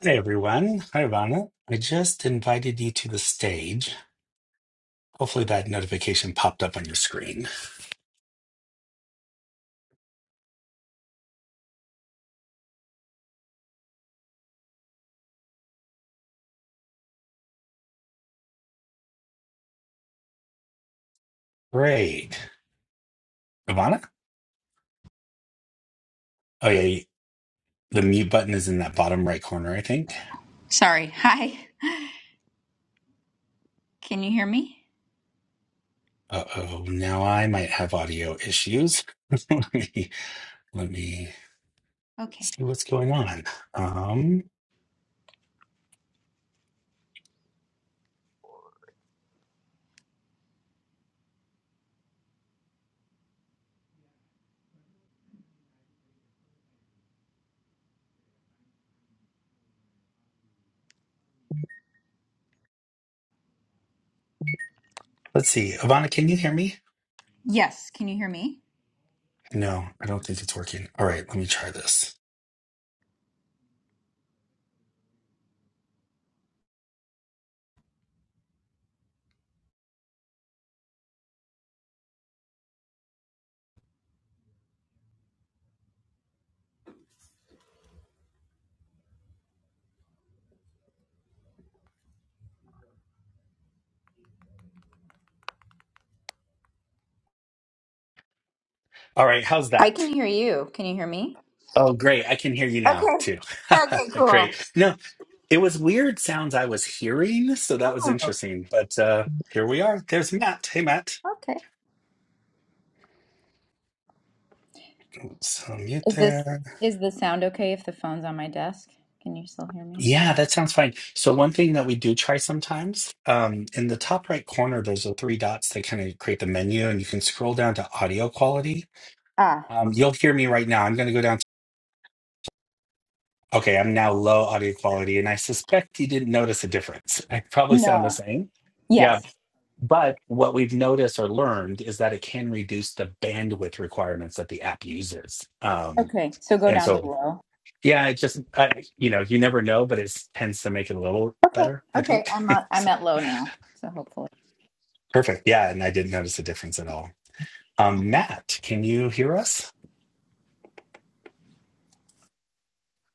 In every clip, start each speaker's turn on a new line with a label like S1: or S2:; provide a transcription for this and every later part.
S1: Hey everyone. Hi Ivana. I just invited you to the stage. Hopefully that notification popped up on your screen. Great. Ivana? Oh yeah, you- the mute button is in that bottom right corner, I think.
S2: Sorry. Hi. Can you hear me?
S1: Uh-oh, now I might have audio issues. let me let me
S2: Okay.
S1: see what's going on. Um, let's see. Ivana, can you hear me?
S2: Yes. Can you hear me?
S1: No, I don't think it's working. All right, let me try this. All right, how's
S2: I
S1: that?
S2: can hear you. Can you hear me?
S1: Oh, great. I can hear you now
S2: Okay.
S1: too.
S2: Okay. Cool.
S1: great. No. It was weird sounds I was hearing, so that was
S2: Oh,
S1: interesting. But uh here we are. There's Matt. Hey Matt.
S2: okay.
S1: So mute
S2: Is this
S1: there.
S2: is the sound okay if the phone's on my desk? Can you still hear me?
S1: Yeah, that sounds fine. So one thing that we do try sometimes, um, in the top right corner, there's the three dots that kind of create the menu, and you can scroll down to audio quality.
S2: Ah.
S1: Um, you'll hear me right now. I'm going to go down. To, okay, I'm now low audio quality, and I suspect you didn't notice a difference. I probably sound the
S2: No.
S1: same. Yeah,
S2: Yes.
S1: But what we've noticed or learned is that it can reduce the bandwidth requirements that the app uses. Um,
S2: Okay. So go
S1: and
S2: down to
S1: so,
S2: low.
S1: yeah, it just, I, you know, you never know, but it tends to make it a little
S2: Okay.
S1: better, I
S2: Okay.
S1: think.
S2: I'm at, I'm
S1: so,
S2: at low now. So hopefully.
S1: perfect. Yeah. And I didn't notice a difference at all. Um, Matt, can you hear us?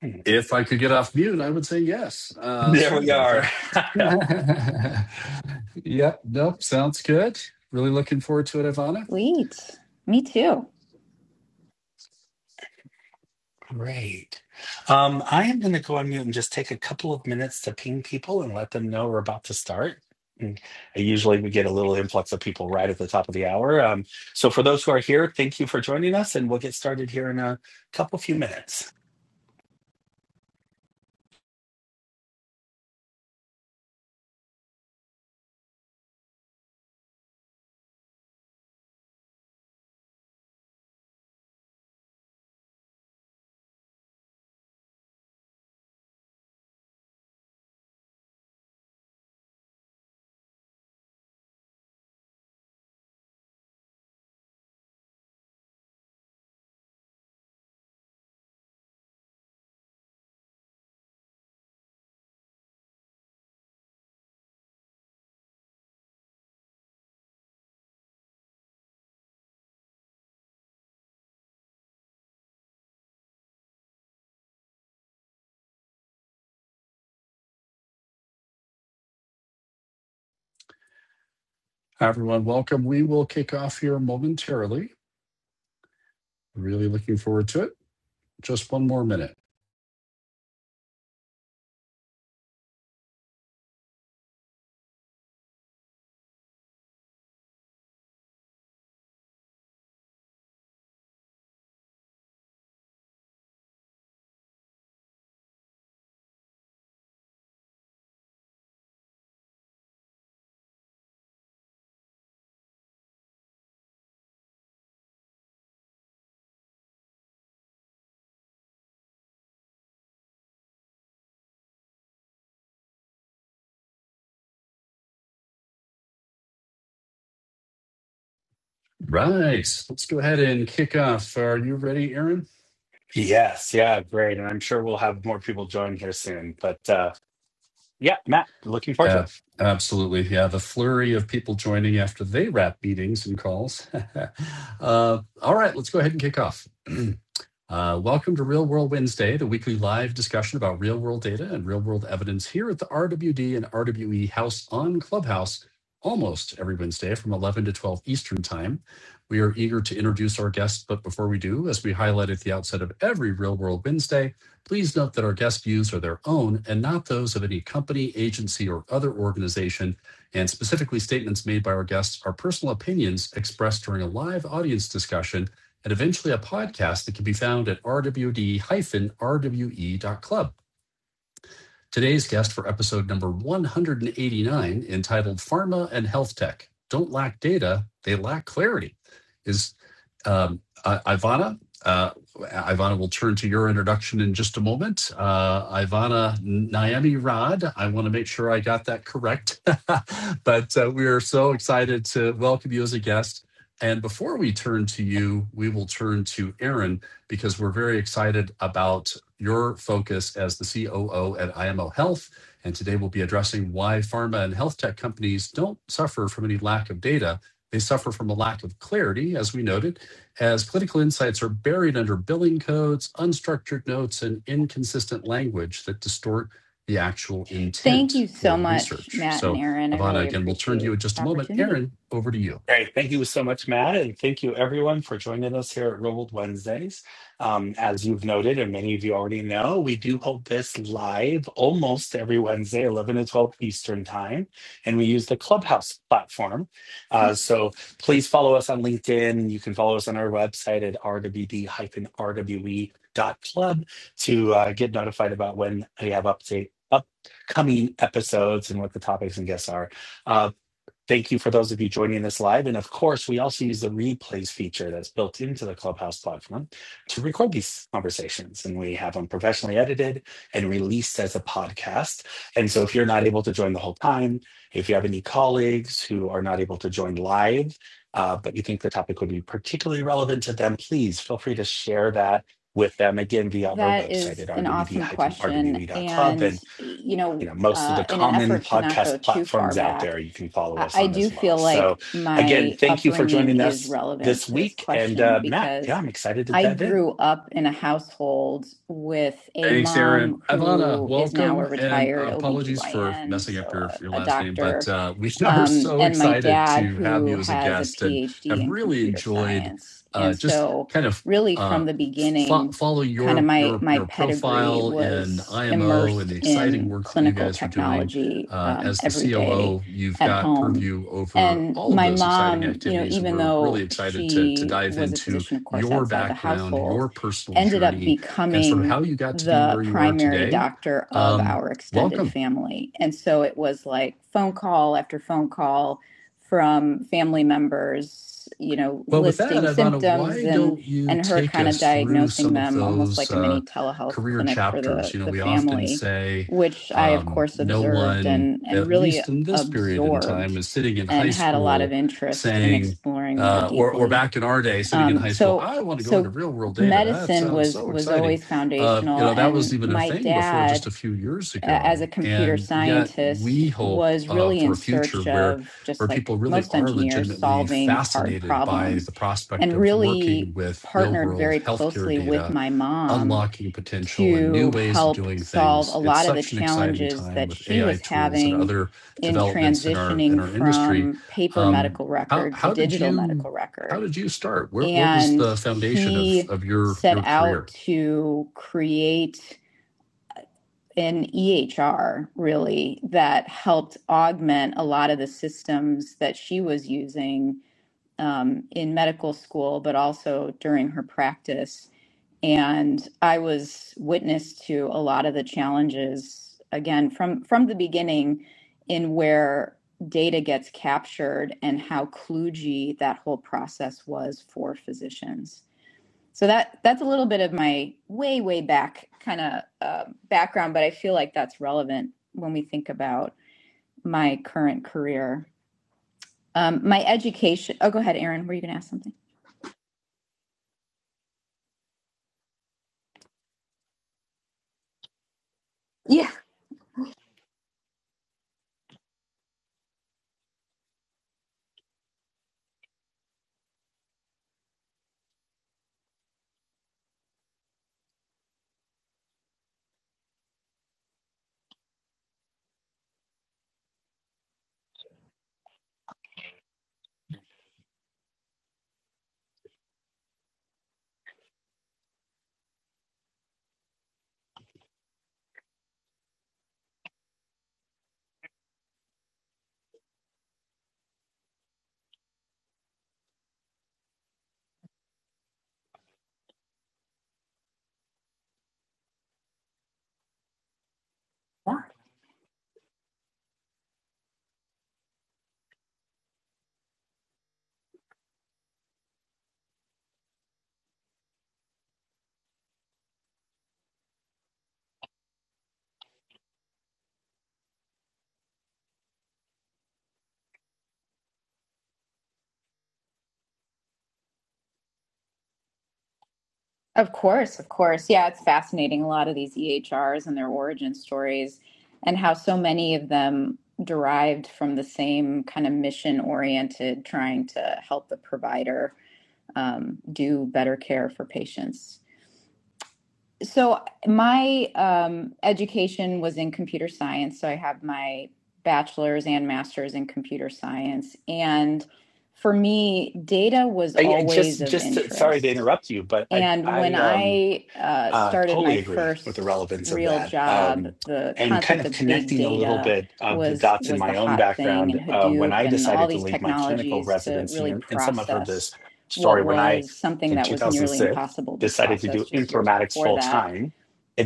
S1: Hmm.
S3: If I could get off mute, I would say yes. Uh,
S1: There
S3: sorry
S1: we
S3: about
S1: are.
S3: that. yep, nope, sounds good. Really looking forward to it, Ivana.
S2: Sweet. Me too.
S1: Great. Um, I am going to go on mute and just take a couple of minutes to ping people and let them know we're about to start. And I usually we get a little influx of people right at the top of the hour. Um, so for those who are here, thank you for joining us, and we'll get started here in a couple few minutes.
S3: Hi, everyone, welcome. We will kick off here momentarily. Really looking forward to it. Just one more minute. Right, let's go ahead and kick off. Are you ready, Aaron?
S1: Yes, yeah, great, and I'm sure we'll have more people join here soon. But uh, yeah, Matt, looking forward to it.
S3: Uh, absolutely. Yeah, the flurry of people joining after they wrap meetings and calls. uh, all right, let's go ahead and kick off. Uh, welcome to Real World Wednesday, the weekly live discussion about real world data and real world evidence here at the RWD and RWE House on Clubhouse almost every Wednesday from 11 to 12 Eastern Time. We are eager to introduce our guests, but before we do, as we highlight at the outset of every Real World Wednesday, please note that our guest views are their own and not those of any company, agency, or other organization. And specifically, statements made by our guests are personal opinions expressed during a live audience discussion and eventually a podcast that can be found at rwd-rwe.club. Today's guest for episode number 189, entitled Pharma and Health Tech Don't Lack Data, They Lack Clarity, is um, I- Ivana, uh, Ivana will turn to your introduction in just a moment. Uh, Ivana Naomi Rod, I want to make sure I got that correct, but uh, we are so excited to welcome you as a guest. And before we turn to you, we will turn to Aaron because we're very excited about your focus as the COO at IMO Health. And today we'll be addressing why pharma and health tech companies don't suffer from any lack of data. They suffer from a lack of clarity, as we noted, as political insights are buried under billing codes, unstructured notes, and inconsistent language that distort the actual
S2: Thank
S3: intent
S2: you
S3: for
S2: so
S3: the
S2: much,
S3: research.
S2: Matt and
S3: So,
S2: Aaron. I
S3: Ivana,
S2: really
S3: again, we'll turn to you in
S2: appreciate this
S3: just a moment.
S2: opportunity.
S3: Aaron, over to you.
S1: Great. Thank you so much, Matt. And thank you, everyone, for joining us here at Real World Wednesdays. Um, as you've noted, and many of you already know, we do hold this live almost every Wednesday, 11 to 12 Eastern Time. And we use the Clubhouse platform. Uh, so please follow us on LinkedIn. You can follow us on our website at rwd-rwe.club to uh, get notified about when we have update upcoming episodes and what the topics and guests are. Uh, Thank you for those of you joining this live. And of course, we also use the replays feature that's built into the Clubhouse platform to record these conversations. And we have them professionally edited and released as a podcast. And so if you're not able to join the whole time, if you have any colleagues who are not able to join live, uh, but you think the topic would be particularly relevant to them, please feel free to share that with them again via our
S2: That
S1: website
S2: is
S1: at
S2: an awesome question.
S1: rwd-rwe.club
S2: And, you
S1: you
S2: know,
S1: know most of the
S2: uh, in an
S1: common
S2: effort to not go
S1: podcast
S2: too far
S1: platforms out
S2: back,
S1: there you can follow
S2: I,
S1: us
S2: I
S1: on
S2: do
S1: as well
S2: feel
S1: so
S2: like
S1: again
S2: my
S1: thank you for
S2: upbringing
S1: joining
S2: is
S1: us
S2: relevant
S1: this
S2: to this
S1: week and
S2: question
S1: uh, matt yeah
S2: because
S1: i'm excited to
S2: I
S1: dive in
S2: grew up in a household with a
S3: Thanks, Aaron.
S2: mom
S3: Ivana,
S2: who is now a
S3: welcome, and uh,
S2: retired
S3: apologies for
S2: OBGYN,
S3: messing up
S2: so
S3: your,
S2: a,
S3: your
S2: a
S3: last name,
S2: doctor
S3: but uh, we are
S2: um,
S3: so
S2: and my
S3: excited
S2: dad,
S3: to have
S2: who
S3: you as a
S2: has a
S3: guest and
S2: PhD
S3: have
S2: in
S3: really
S2: computer
S3: enjoyed
S2: science. And
S3: uh, just
S2: so,
S3: kind of
S2: really,
S3: uh,
S2: from the
S3: fo-
S2: beginning,
S3: follow
S2: kind of
S3: your
S2: my
S3: your
S2: my
S3: your
S2: pedigree
S3: profile in
S2: was
S3: IMO and
S2: immersed
S3: the exciting
S2: in
S3: work that you
S2: clinical
S3: guys are doing.
S2: technology
S3: Uh,
S2: um,
S3: as
S2: every
S3: the
S2: day
S3: COO, you've
S2: at
S3: got
S2: home.
S3: purview over
S2: And
S3: all of
S2: my
S3: those exciting
S2: mom, you know,
S3: activities.
S2: even
S3: We're really
S2: though
S3: excited to to
S2: she
S3: dive
S2: was a
S3: into
S2: physician, of course,
S3: your
S2: outside the
S3: background,
S2: household,
S3: your personal
S2: ended up
S3: journey, and sort of
S2: becoming
S3: how you got to be
S2: the
S3: where you are
S2: primary
S3: today.
S2: doctor of
S3: Um,
S2: our
S3: welcome.
S2: extended family. And so it was like phone call after phone call from family members, you know,
S3: Well, with that,
S2: listing
S3: Ivana,
S2: symptoms
S3: why
S2: and
S3: don't you
S2: and her
S3: take
S2: kind of
S3: us through
S2: diagnosing
S3: some of
S2: them almost
S3: those
S2: like a mini
S3: uh,
S2: telehealth
S3: career
S2: clinic for
S3: chapters?
S2: the
S3: You know,
S2: the
S3: we often
S2: family,
S3: say
S2: which I of
S3: um,
S2: course
S3: no
S2: observed
S3: one,
S2: and and
S3: at
S2: really
S3: least in this period in time,
S2: absorbed
S3: is sitting in
S2: and
S3: high
S2: had a lot of
S3: school
S2: interest in
S3: saying,
S2: exploring more
S3: uh, or or
S2: deeply.
S3: back in our day, sitting in
S2: Um,
S3: high school,
S2: so
S3: I want to go
S2: so
S3: into real world data. That
S2: medicine
S3: sounds
S2: was
S3: so
S2: was
S3: exciting.
S2: always
S3: Uh, you
S2: foundational,
S3: know, that was
S2: and
S3: even a
S2: my
S3: thing before just
S2: dad,
S3: a few years
S2: uh, as a
S3: ago,
S2: computer
S3: and yet we
S2: scientist,
S3: hope
S2: was
S3: uh,
S2: really
S3: for
S2: in
S3: a future
S2: search
S3: where
S2: of
S3: where
S2: just like
S3: people really
S2: most
S3: are
S2: engineers,
S3: legitimately
S2: solving hard
S3: fascinated by
S2: problems,
S3: the prospect
S2: and
S3: of working
S2: really
S3: with real
S2: partnered
S3: world
S2: very
S3: healthcare
S2: closely with
S3: data,
S2: my mom
S3: unlocking potential and new
S2: to
S3: ways of
S2: help
S3: doing
S2: solve a
S3: things. It's
S2: lot of the
S3: such an exciting
S2: challenges
S3: time
S2: that
S3: with
S2: she
S3: AI
S2: was
S3: tools and
S2: having
S3: other
S2: in
S3: developments in our in
S2: transitioning
S3: our industry.
S2: from paper
S3: Um,
S2: medical
S3: how
S2: record to
S3: how did
S2: digital
S3: you
S2: medical
S3: how
S2: record
S3: did you start? Where, what was
S2: and
S3: the foundation of
S2: he
S3: of your
S2: set
S3: your
S2: out
S3: career?
S2: to create an EHR really that helped augment a lot of the systems that she was using um, in medical school, but also during her practice. And I was witness to a lot of the challenges again from from the beginning in where data gets captured and how kludgy that whole process was for physicians. So that that's a little bit of my way way back kind of uh, background, but I feel like that's relevant when we think about my current career. Um, my education. Oh, go ahead, Erin. Were you going to ask something? Yeah. Of course, of course. Yeah, it's fascinating. A lot of these EHRs and their origin stories, and how so many of them derived from the same kind of mission oriented, trying to help the provider um, do better care for patients. So my um, education was in computer science. So I have my bachelor's and master's in computer science. And for me, data was
S1: I, I
S2: always
S1: just
S2: of
S1: just to, sorry to
S2: interest.
S1: interrupt you but i
S2: And when
S1: i um
S2: I uh,
S1: Uh,
S2: started my
S1: totally agree with the
S2: first
S1: relevance of
S2: real
S1: that.
S2: job,
S1: Um,
S2: the
S1: and kind
S2: concept
S1: of
S2: of big
S1: connecting a little
S2: data
S1: bit of the
S2: was
S1: dots in
S2: was the
S1: my own
S2: hot thing,
S1: background,
S2: and
S1: uh, when
S2: Hadoop
S1: I
S2: and all
S1: decided to
S2: these
S1: leave my clinical
S2: technologies to
S1: residency,
S2: really
S1: and, and some have heard this
S2: process what
S1: story, when I,
S2: was something
S1: in
S2: that was nearly
S1: 2006,
S2: impossible to
S1: decided to
S2: process
S1: do
S2: just years
S1: informatics
S2: before
S1: full
S2: that
S1: time,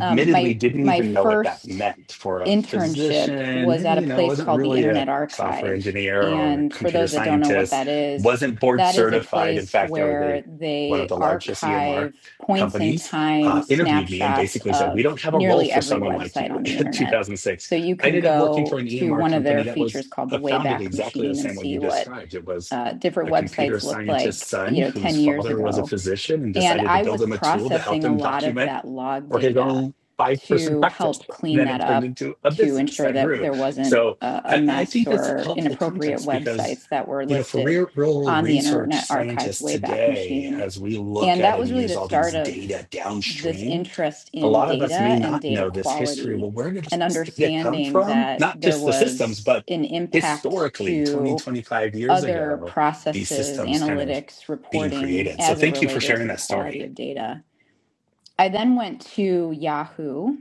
S2: um, my
S1: didn't
S2: my
S1: even know what that
S2: first
S1: meant for a
S2: internship was
S1: physician,
S2: at a
S1: you know,
S2: place
S1: wasn't
S2: called the
S1: really a
S2: Internet
S1: software
S2: Archive,
S1: engineer or a
S2: and for
S1: computer
S2: those that don't know what
S1: scientist,
S2: that is,
S1: wasn't board
S2: that is a
S1: certified. In
S2: place
S1: fact, I was a,
S2: where
S1: one of
S2: they
S1: the largest EMR
S2: archive points in
S1: companies uh,
S2: time
S1: interviewed me and
S2: snapshots
S1: basically said, We
S2: of
S1: don't have a role
S2: nearly
S1: for
S2: every
S1: someone like
S2: website
S1: you
S2: on the
S1: in
S2: internet.
S1: 2006.
S2: So you
S1: I
S2: can
S1: ended up working
S2: go
S1: for an
S2: to
S1: EMR
S2: one of
S1: company
S2: their
S1: that was
S2: features called the
S1: uh, founded
S2: Wayback
S1: exactly the
S2: Machine and
S1: same way you
S2: see what
S1: described. It was
S2: uh, different
S1: a computer
S2: websites looked
S1: scientist's
S2: like,
S1: son
S2: you know,
S1: whose
S2: 10 years
S1: father was a
S2: ago
S1: physician and
S2: and
S1: decided to
S2: I
S1: build
S2: was
S1: him a tool to help
S2: processing a
S1: him
S2: lot of
S1: document
S2: that log
S1: or his
S2: data
S1: own five person
S2: to
S1: practice.
S2: help clean
S1: Then
S2: that
S1: it turned
S2: up
S1: into a
S2: to
S1: business
S2: ensure
S1: that
S2: that
S1: grew.
S2: there wasn't
S1: So
S2: a, a
S1: I, I
S2: mess
S1: think that's
S2: or
S1: helpful
S2: inappropriate
S1: context because,
S2: websites that were
S1: you know, for
S2: listed
S1: real, world
S2: on the
S1: research
S2: Internet Archive's
S1: scientists
S2: Wayback
S1: today,
S2: Machine.
S1: as we look
S2: And
S1: at
S2: that was
S1: and
S2: really
S1: use
S2: the
S1: all these
S2: start of
S1: data
S2: this
S1: downstream,
S2: interest
S1: a
S2: in
S1: lot of us may
S2: data and
S1: not
S2: data
S1: know this history.
S2: quality
S1: Well, where did
S2: and
S1: this data come
S2: understanding
S1: from?
S2: that
S1: Not
S2: there
S1: just the systems,
S2: was
S1: but
S2: an impact
S1: historically, 20,
S2: to
S1: 25 years
S2: other
S1: ago, these
S2: processes,
S1: systems kind of
S2: analytics,
S1: being
S2: reporting
S1: created. So
S2: as it
S1: thank you for
S2: related to
S1: sharing
S2: the
S1: that story.
S2: quality of data. I then went to Yahoo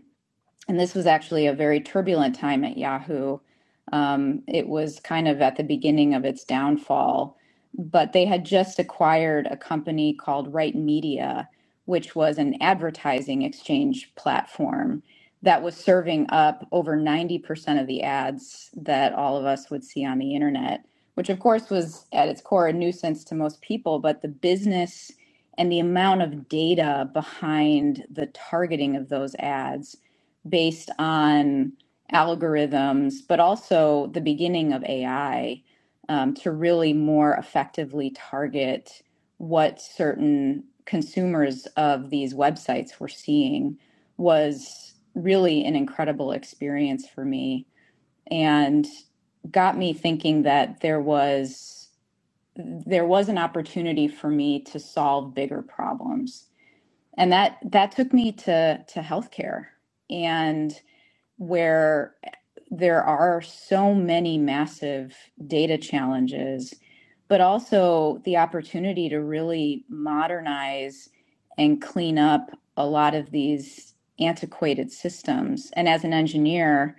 S2: and this was actually a very turbulent time at Yahoo. Um, it was kind of at the beginning of its downfall, but they had just acquired a company called Right Media, which was an advertising exchange platform that was serving up over 90% of the ads that all of us would see on the internet, which of course was at its core a nuisance to most people, but the business and the amount of data behind the targeting of those ads based on algorithms, but also the beginning of AI um, to really more effectively target what certain consumers of these websites were seeing was really an incredible experience for me and got me thinking that there was there was an opportunity for me to solve bigger problems and that that took me to to healthcare and where there are so many massive data challenges, but also the opportunity to really modernize and clean up a lot of these antiquated systems. And as an engineer,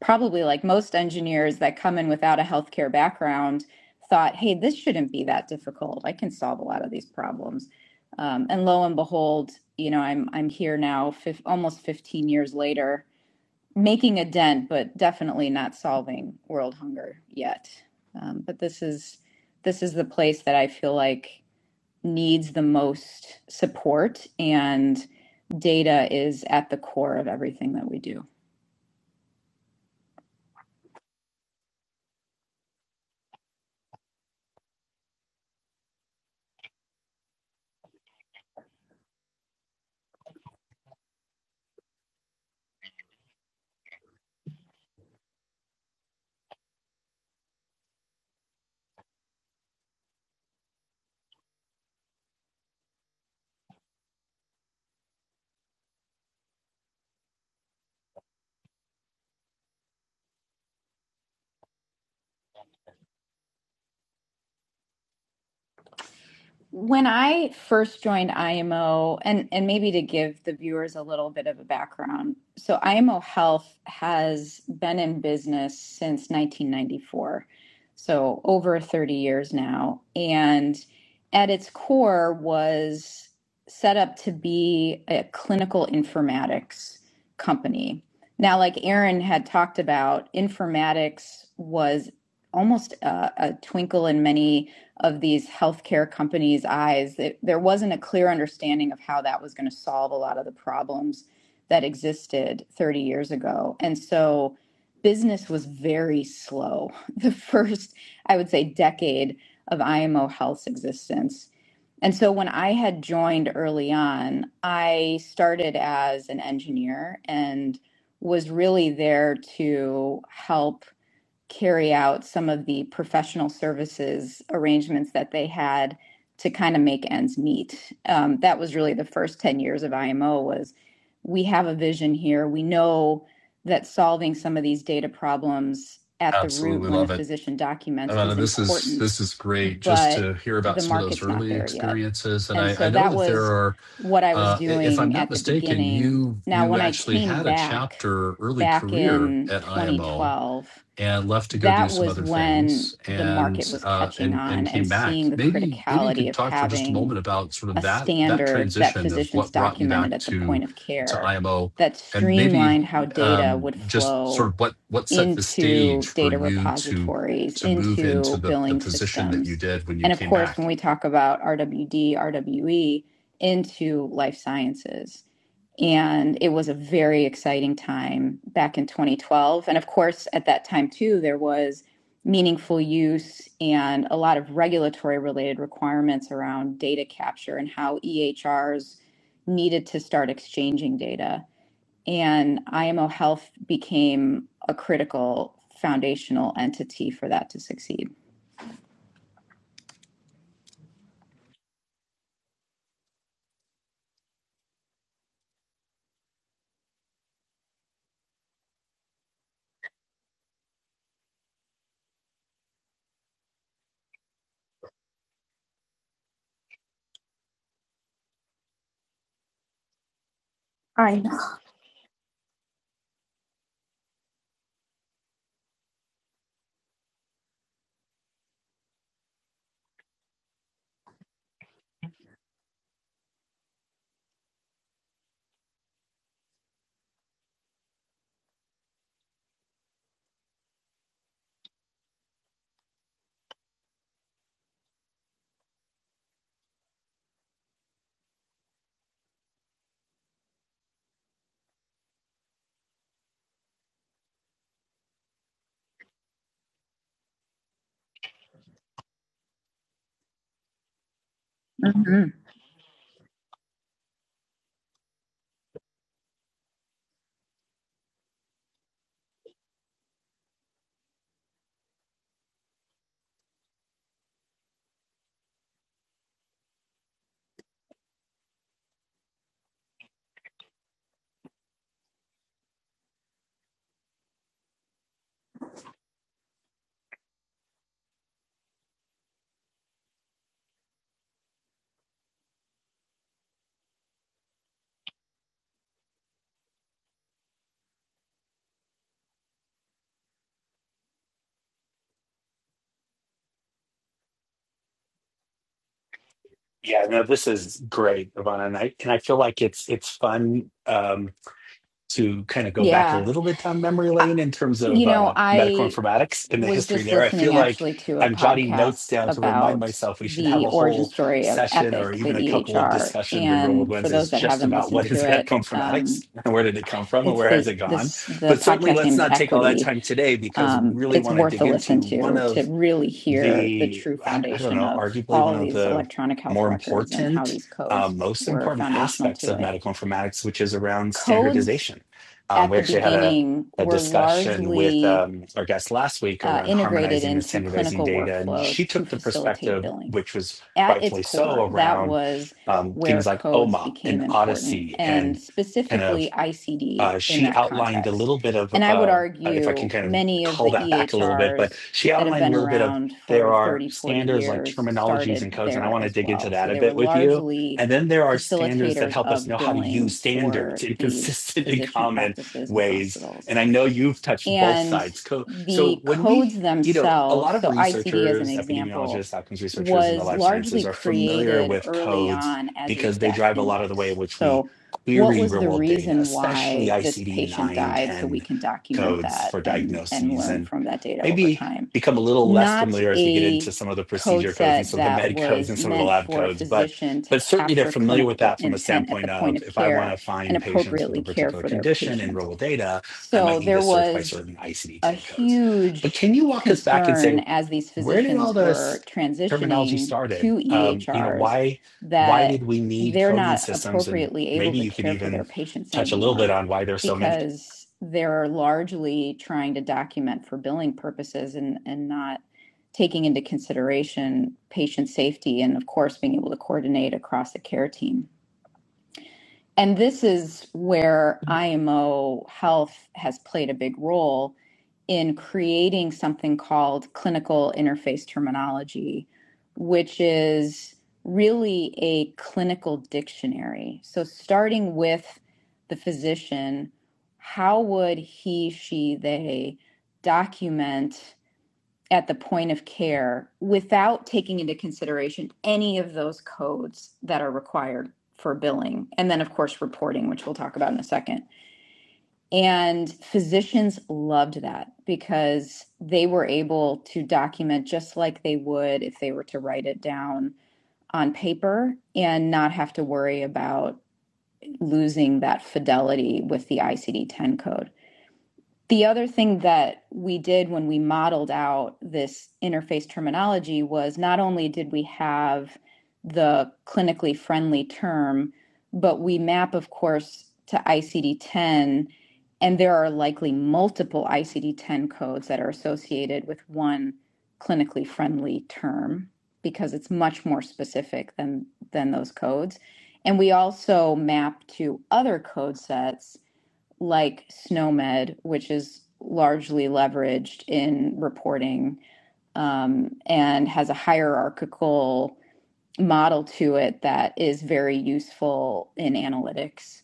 S2: probably like most engineers that come in without a healthcare background, thought, hey, this shouldn't be that difficult. I can solve a lot of these problems. Um, and lo and behold, you know, I'm I'm here now, fif- almost 15 years later, making a dent, but definitely not solving world hunger yet. Um, but this is this is the place that I feel like needs the most support, and data is at the core of everything that we do. When I first joined IMO, and, and maybe to give the viewers a little bit of a background, so IMO Health has been in business since 1994, so over 30 years now. And at its core was set up to be a clinical informatics company. Now, like Aaron had talked about, informatics was almost a, a twinkle in many of these healthcare companies' eyes. It, there wasn't a clear understanding of how that was going to solve a lot of the problems that existed 30 years ago. And so business was very slow the first, I would say, decade of IMO Health's existence. And so when I had joined early on, I started as an engineer and was really there to help carry out some of the professional services arrangements that they had to kind of make ends meet. Um, that was really the first 10 years of IMO was we have a vision here. We know that solving some of these data problems at the root
S3: Absolutely
S2: when the
S3: love it.
S2: physician documents
S3: Amanda,
S2: is
S3: this is
S2: important,
S3: this is great just to
S2: but
S3: hear about
S2: the
S3: some of those
S2: market's not
S3: early
S2: there yet.
S3: experiences. And
S2: And
S3: I, I
S2: so
S3: know
S2: that
S3: that there
S2: was
S3: are
S2: what I was
S3: Uh, if I'm
S2: doing
S3: not
S2: at the
S3: mistaken,
S2: beginning.
S3: you
S2: Now,
S3: you
S2: when I
S3: actually
S2: came
S3: had a
S2: back,
S3: chapter early
S2: back
S3: career
S2: in
S3: at IMO
S2: 2012,
S3: and left to go do
S2: that
S3: some
S2: was
S3: other
S2: when
S3: things
S2: the market
S3: and
S2: was
S3: uh,
S2: catching
S3: and and
S2: on and
S3: came back.
S2: seeing the
S3: Maybe maybe you
S2: criticality
S3: could
S2: of
S3: talk for just a
S2: having
S3: moment about sort of
S2: a
S3: that that
S2: standard that
S3: transition of
S2: physicians
S3: what brought you
S2: documented
S3: back
S2: at the
S3: to
S2: point of
S3: to
S2: care
S3: IMO
S2: that
S3: and maybe
S2: streamlined how data
S3: um,
S2: would
S3: just sort
S2: flow
S3: of what what set the
S2: into
S3: stage for
S2: data
S3: you to
S2: repositories,
S3: to move into
S2: into
S3: the the
S2: billing
S3: position that you
S2: systems.
S3: did when you
S2: And of
S3: came
S2: course, when
S3: back.
S2: we talk about RWD, RWE, into life sciences. And it was a very exciting time back in 2012. And of course, at that time, too, there was meaningful use and a lot of regulatory related requirements around data capture and how EHRs needed to start exchanging data. And IMO Health became a critical foundational entity for that to succeed. I Mhm.
S1: Yeah, no, this is great, Ivana, and I and I feel like it's it's fun um, to kind of go back a
S2: Yeah.
S1: little bit down memory lane in terms of
S2: You know,
S1: uh, medical
S2: I
S1: informatics and the
S2: was
S1: history
S2: just
S1: there. I feel
S2: listening
S1: like
S2: actually to a
S1: I'm jotting notes
S2: podcast
S1: down to remind
S2: about
S1: myself we should have
S2: the
S1: a
S2: origin
S1: whole
S2: story of
S1: session or
S2: Epic, the
S1: even a couple of
S2: EHR.
S1: discussions in Real World
S2: And for
S1: Wednesdays
S2: those that
S1: just
S2: haven't
S1: about
S2: listened
S1: what
S2: to
S1: is
S2: it,
S1: medical informatics
S2: um,
S1: and where did it come from and
S2: it's
S1: where has
S2: the
S1: it gone.
S2: this the
S1: But certainly,
S2: podcast name
S1: let's
S2: is
S1: not take all that
S2: Equity.
S1: time today because we
S2: Um,
S1: really
S2: it's
S1: want to
S2: worth a
S1: dig
S2: listen
S1: into one
S2: to to
S1: of
S2: really hear the
S1: the
S2: true
S1: I, I don't
S2: foundation
S1: know,
S2: of
S1: arguably one
S2: all of
S1: of
S2: these
S1: the
S2: electronic health
S1: more
S2: records and how
S1: important,
S2: these
S1: uh,
S2: codes
S1: most
S2: were
S1: important
S2: foundational
S1: aspects
S2: to
S1: of
S2: it.
S1: medical informatics, which is around
S2: Codes
S1: standardization. Um,
S2: at
S1: we
S2: the
S1: actually had a
S2: beginning
S1: a
S2: were
S1: discussion with
S2: largely
S1: um, our guest last week
S2: uh,
S1: around
S2: integrated
S1: harmonizing and
S2: into
S1: standardizing
S2: clinical
S1: data, and she
S2: workflows to
S1: took the
S2: facilitate
S1: perspective,
S2: billing.
S1: which was
S2: At its
S1: rightfully
S2: core,
S1: so,
S2: that
S1: around
S2: was
S1: um,
S2: where
S1: things like
S2: codes
S1: OMOP and
S2: became important,
S1: Odyssey
S2: and
S1: and kind of
S2: specifically ICD
S1: uh,
S2: in
S1: she
S2: that
S1: outlined a
S2: context.
S1: little bit of,
S2: And I would
S1: uh, if I can
S2: argue
S1: kind of
S2: many of
S1: call
S2: the
S1: that back a little bit, but
S2: EHRs
S1: she
S2: that have
S1: outlined a
S2: been
S1: little bit of
S2: around for
S1: there are
S2: 30, 40
S1: standards like
S2: years
S1: terminologies
S2: started
S1: and codes, and I
S2: there
S1: want to
S2: as
S1: dig into
S2: well.
S1: that
S2: So
S1: a
S2: they were
S1: bit with you.
S2: largely
S1: And then there are standards that
S2: facilitators
S1: help us
S2: of
S1: know how to use
S2: billing for
S1: standards in
S2: these
S1: consistent and
S2: physician
S1: common
S2: practices and
S1: ways.
S2: hospitals
S1: And I know you've touched both
S2: and
S1: sides. Co- So
S2: the
S1: when we
S2: codes
S1: you know, a
S2: themselves,
S1: lot of
S2: so ICD as an
S1: researchers,
S2: example,
S1: epidemiologists, outcomes researchers in the
S2: was
S1: life
S2: largely
S1: sciences are familiar
S2: created
S1: with
S2: early
S1: codes
S2: on as a
S1: because they
S2: death
S1: drive a lot of the way in
S2: index.
S1: which we
S2: So, what
S1: query
S2: was
S1: real
S2: the
S1: world data,
S2: reason
S1: especially
S2: why this
S1: ICD
S2: patient
S1: 9,
S2: died so we
S1: 10
S2: can document
S1: codes
S2: that
S1: for
S2: and, and
S1: diagnoses,
S2: learn
S1: and
S2: from that data over
S1: maybe
S2: time?
S1: become a little less
S2: Not
S1: familiar as we get into
S2: a
S1: some of the
S2: code
S1: procedure codes and
S2: set
S1: some of the
S2: that
S1: med codes
S2: was
S1: and some of the
S2: meant
S1: lab
S2: for a
S1: codes. But,
S2: physician to
S1: but certainly they're
S2: capture
S1: familiar with
S2: clinical
S1: that from a
S2: intent at
S1: standpoint
S2: the point
S1: of
S2: of
S1: if I want
S2: care
S1: to
S2: and
S1: find patients with a
S2: appropriately care
S1: particular
S2: for their
S1: condition in
S2: patient
S1: real world data, I might
S2: so
S1: need to
S2: there
S1: search by
S2: was
S1: certain ICD
S2: a
S1: 10 codes. But
S2: huge
S1: can you walk us back and say,
S2: concern as these
S1: where did all
S2: physicians
S1: this
S2: were
S1: terminology
S2: transitioning
S1: started?
S2: to
S1: Um, you know,
S2: EHRs
S1: why why
S2: that
S1: did we need
S2: they're
S1: coding
S2: not
S1: systems? And
S2: appropriately able
S1: maybe
S2: to
S1: you could
S2: care for
S1: even
S2: their patients
S1: touch a little bit
S2: anymore
S1: on why there's so many.
S2: because they're largely trying to document for billing purposes and, and not taking into consideration patient safety and of course being able to coordinate across the care team and this is where IMO Health has played a big role in creating something called clinical interface terminology, which is really a clinical dictionary. So, starting with the physician, how would he, she, they document? at the point of care without taking into consideration any of those codes that are required for billing. And then, of course, reporting, which we'll talk about in a second. And physicians loved that because they were able to document just like they would if they were to write it down on paper and not have to worry about losing that fidelity with the ICD 10 code. The other thing that we did when we modeled out this interface terminology was not only did we have the clinically friendly term, but we map, of course, to ICD 10, and there are likely multiple ICD 10 codes that are associated with one clinically friendly term because it's much more specific than, than those codes. And we also map to other code sets like SNOMED, which is largely leveraged in reporting um, and has a hierarchical model to it that is very useful in analytics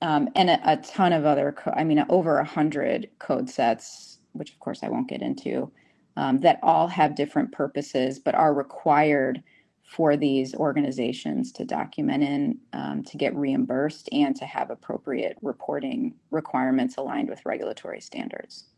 S2: um, and a, a ton of other, co- I mean, over a hundred code sets, which of course I won't get into, um, that all have different purposes but are required for these organizations to document in, um, to get reimbursed, and to have appropriate reporting requirements aligned with regulatory standards.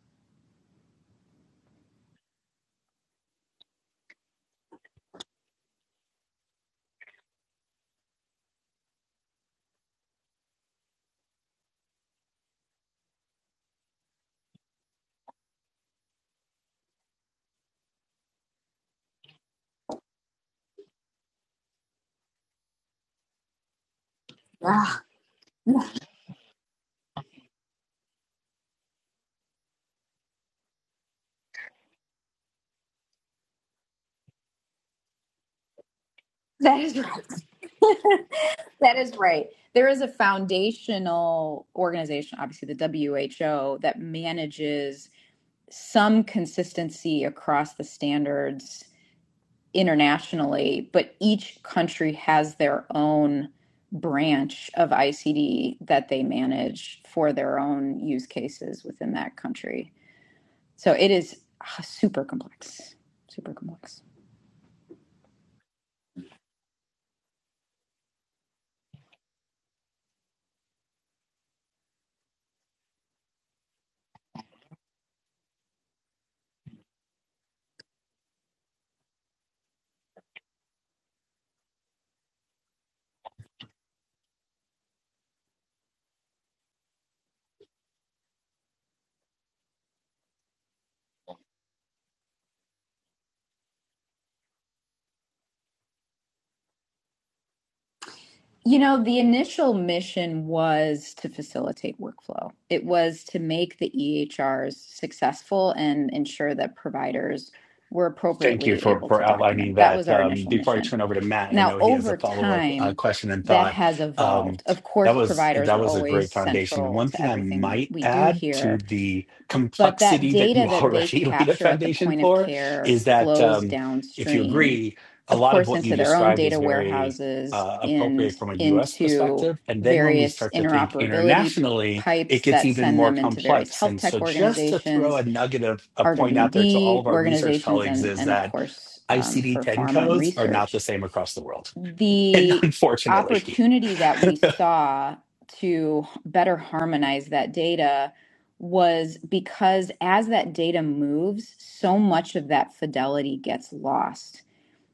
S2: That is right. that is right. There is a foundational organization, obviously the WHO, that manages some consistency across the standards internationally, but each country has their own branch of ICD that they manage for their own use cases within that country. So it is ah, super complex, super complex. You know, the initial mission was to facilitate workflow. It was to make the EHRs successful and ensure that providers were
S1: Thank you
S2: appropriately
S1: for
S2: able
S1: for
S2: to
S1: outlining
S2: document. That
S1: that.
S2: was our
S1: Um,
S2: initial
S1: before I
S2: mission.
S1: turn over to Matt, I
S2: Now,
S1: know he has a
S2: over
S1: follow up uh,
S2: time,
S1: question and
S2: that
S1: thought.
S2: has
S1: Um,
S2: evolved. Of
S1: that
S2: course,
S1: was
S2: providers
S1: that
S2: are
S1: was a
S2: always
S1: great foundation. And
S2: central
S1: one
S2: to
S1: thing I
S2: everything
S1: might
S2: we do
S1: add to
S2: here,
S1: the
S2: but that
S1: complexity that you
S2: data that they
S1: already laid a
S2: capture at the
S1: foundation
S2: point of
S1: for
S2: care
S1: is that
S2: flows
S1: um, if you
S2: downstream,
S1: agree, a
S2: of
S1: lot of
S2: course,
S1: what you
S2: into their own
S1: described is
S2: data
S1: very
S2: warehouses
S1: uh,
S2: and
S1: appropriate from a U.S.
S2: into
S1: perspective. And then when we
S2: various
S1: start to think
S2: interoperability
S1: internationally, it
S2: pipes
S1: gets
S2: that
S1: even
S2: send
S1: more
S2: them into various
S1: complex.
S2: health
S1: And so,
S2: tech
S1: just to throw a
S2: organizations,
S1: nugget of a point out there to all
S2: RWD
S1: of our research
S2: organizations,
S1: colleagues
S2: and,
S1: is
S2: and of
S1: that
S2: course, um,
S1: ICD
S2: for
S1: 10
S2: pharma and
S1: codes are not
S2: research
S1: the same across the world. And
S2: the
S1: unfortunately,
S2: opportunity that
S1: can
S2: we saw to better harmonize that data was because as that data moves, so much of that fidelity gets lost.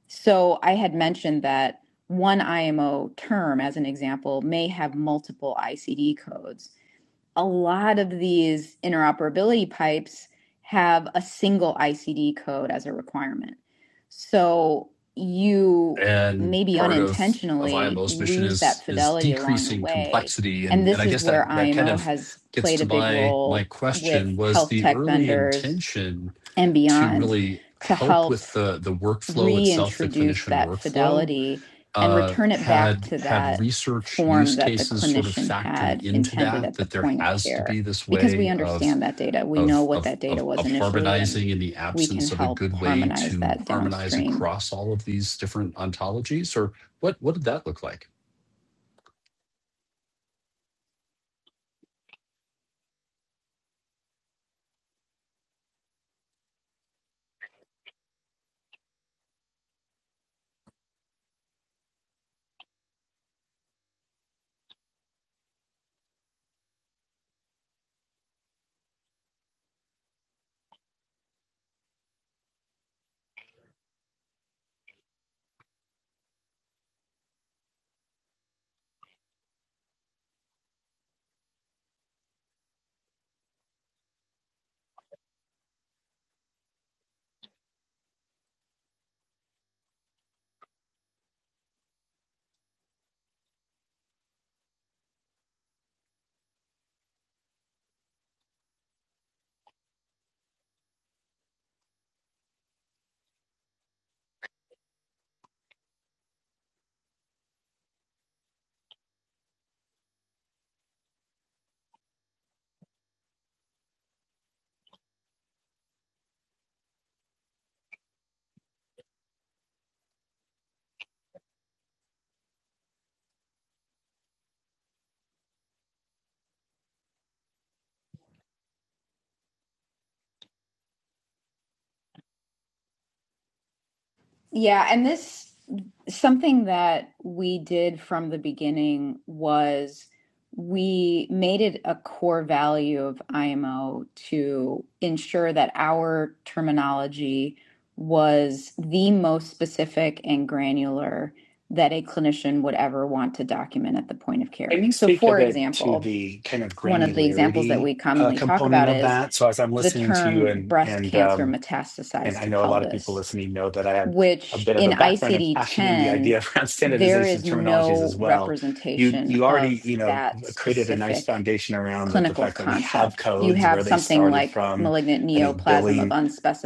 S2: So I had mentioned that one IMO term, as an example, may have multiple ICD codes a lot of these interoperability pipes have a single ICD code as a requirement. So you
S3: and
S2: maybe
S3: part of of
S2: unintentionally
S3: IMO's mission
S2: lose
S3: is
S2: that
S3: is
S2: fidelity along the
S3: decreasing
S2: way.
S3: complexity,
S2: And
S3: and and
S2: this
S3: I
S2: is
S3: guess
S2: where
S3: that that kind
S2: IMO
S3: of
S2: has
S3: gets
S2: played
S3: to
S2: a big
S3: my my
S2: role with
S3: question was
S2: health
S3: the
S2: tech
S3: early
S2: vendors
S3: intention
S2: and
S3: to
S2: beyond
S3: really
S2: to
S3: help
S2: help
S3: with the the workflow itself, the
S2: reintroduce
S3: clinician
S2: that
S3: workflow,
S2: fidelity and
S3: uh,
S2: return it back
S3: had
S2: to
S3: had
S2: that
S3: research use
S2: form that the
S3: cases sort of
S2: clinician
S3: factored
S2: had
S3: into
S2: intended
S3: that
S2: at the
S3: that there
S2: point of
S3: has to
S2: care
S3: be this
S2: because we
S3: way of
S2: understand that data. We know
S3: of
S2: what
S3: of
S2: that data
S3: of,
S2: was
S3: of
S2: initially, and
S3: harmonizing in the
S2: we can
S3: absence of a
S2: help
S3: good way
S2: harmonize
S3: to
S2: that
S3: harmonize
S2: downstream.
S3: across all of these different ontologies or what what did that look like
S2: Yeah, and this something that we did from the beginning was we made it a core value of IMO to ensure that our terminology was the most specific and granular that a clinician would ever want to document at the point of care.
S1: you
S2: So,
S1: speak a
S2: for
S1: bit to
S2: example,
S1: the kind of
S2: one of the examples that
S1: granularity
S2: we
S1: uh,
S2: commonly talk
S1: component
S2: about
S1: of
S2: is
S1: that? So, as I'm
S2: the
S1: listening to you
S2: term
S1: and,
S2: breast
S1: and, um,
S2: cancer
S1: and
S2: metastasized
S1: I
S2: to
S1: know a lot of people
S2: pelvis
S1: listening know that I have a
S2: which
S1: bit of
S2: in
S1: a background and
S2: ICD
S1: passion in the
S2: 10,
S1: idea around
S2: there
S1: standardization
S2: is
S1: of terminologies as
S2: no
S1: well. You
S2: representation
S1: you already
S2: of
S1: you know
S2: that
S1: created a nice
S2: specific
S1: foundation around that the
S2: clinical
S1: fact that we have
S2: concept. You
S1: codes
S2: have
S1: where they
S2: something
S1: started
S2: like
S1: from.
S2: malignant
S1: I think
S2: neoplasm of
S1: billing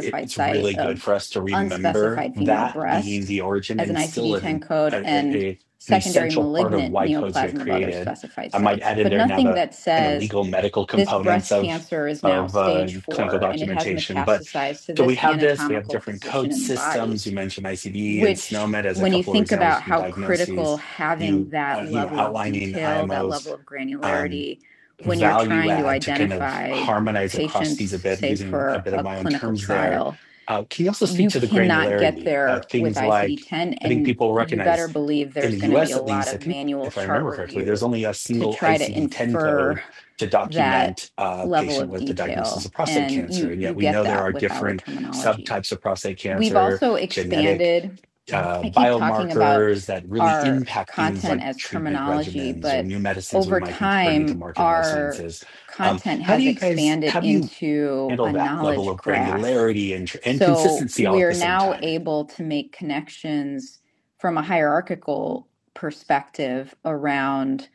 S1: it- it's
S2: site
S1: really good
S2: of
S1: for us to remember
S2: unspecified female
S1: that being
S2: breast
S1: the origin
S2: as an
S1: and still
S2: ICD 10
S1: an a,
S2: code
S1: a,
S2: and
S1: an
S2: secondary
S1: essential part of
S2: malignant
S1: why codes get
S2: neoplasm of other
S1: created.
S2: specified
S1: I might
S2: sites,
S1: add in
S2: but
S1: there now
S2: nothing
S1: the
S2: that
S1: kind of
S2: says
S1: legal medical
S2: this
S1: components
S2: breast
S1: of
S2: cancer is now
S1: of uh,
S2: stage
S1: clinical
S2: four and it has
S1: documentation, but
S2: metastasized to
S1: so we
S2: this
S1: have this, we have
S2: anatomical
S1: different
S2: position
S1: code
S2: in the body
S1: systems. You mentioned ICD and
S2: which
S1: SNOMED as a
S2: when you
S1: couple of
S2: think
S1: examples
S2: about
S1: from
S2: how
S1: diagnoses.
S2: critical having
S1: You,
S2: that
S1: uh, you know,
S2: level of
S1: outlining
S2: detail, that level
S1: IMOs,
S2: of
S1: um,
S2: granularity, when you're
S1: value
S2: trying to
S1: add to kind of
S2: identify
S1: harmonize across these a
S2: patients,
S1: bit
S2: say
S1: using a
S2: for
S1: bit of
S2: a
S1: my own
S2: clinical
S1: terms there.
S2: trial,
S1: Uh, can you also speak
S2: you
S1: to the
S2: cannot get
S1: granularity? Uh,
S2: there with
S1: things
S2: ICD
S1: like,
S2: 10.
S1: I think
S2: And
S1: people
S2: you
S1: recognize
S2: better believe
S1: in
S2: there's
S1: the
S2: going to be
S1: US
S2: a
S1: at
S2: lot
S1: least, I
S2: of
S1: think
S2: manual
S1: if I
S2: chart
S1: remember correctly,
S2: review
S1: there's only a
S2: to
S1: single
S2: try to
S1: ICD-10
S2: infer
S1: code to
S2: that
S1: document a
S2: level
S1: patient
S2: of
S1: with the diagnosis
S2: detail.
S1: of prostate
S2: And
S1: cancer.
S2: you,
S1: And
S2: you
S1: yet we
S2: get
S1: know there
S2: that
S1: are
S2: with our
S1: different
S2: terminology.
S1: subtypes of prostate
S2: We've
S1: cancer,
S2: also
S1: genetic
S2: expanded
S1: uh,
S2: I keep talking about
S1: biomarkers that really
S2: our
S1: impact things
S2: content
S1: like
S2: as
S1: treatment
S2: terminology,
S1: regimens or
S2: but
S1: new medicines we
S2: over
S1: might be bringing to
S2: time,
S1: market in life
S2: our
S1: sciences. Um,
S2: content
S1: how do
S2: has
S1: you guys,
S2: expanded
S1: how do you
S2: into
S1: handle
S2: a
S1: that level
S2: knowledge
S1: of
S2: graph.
S1: granularity and, tr- and
S2: So
S1: consistency all at
S2: we're
S1: the same
S2: now
S1: time?
S2: able to make connections from a hierarchical perspective around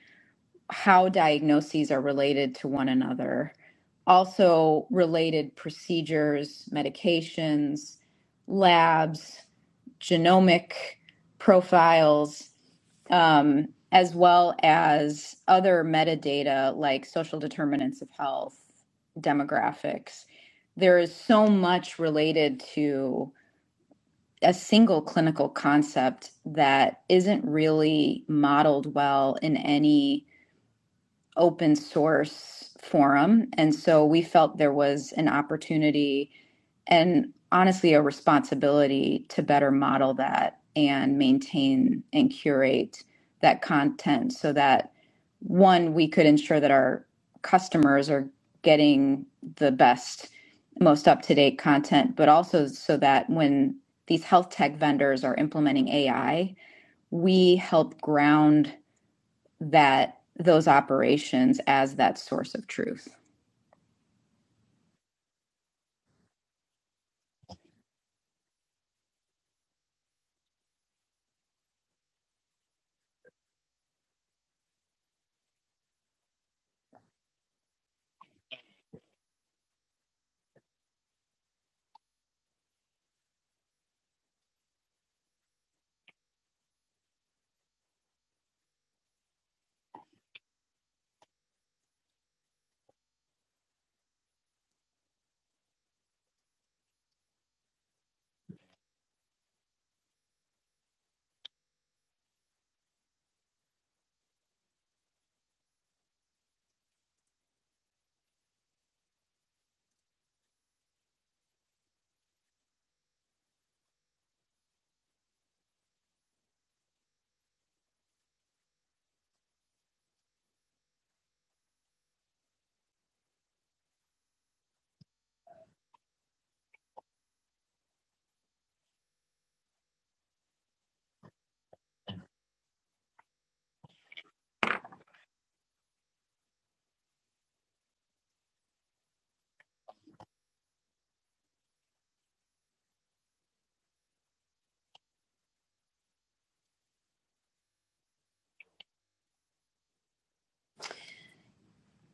S2: how diagnoses are related to one another, also related procedures, medications, labs, genomic profiles, um, as well as other metadata like social determinants of health, demographics. There is so much related to a single clinical concept that isn't really modeled well in any open source forum. And so we felt there was an opportunity and honestly a responsibility to better model that and maintain and curate that content so that one, we could ensure that our customers are getting the best, most up to date content, but also so that when these health tech vendors are implementing AI, we help ground that those operations as that source of truth.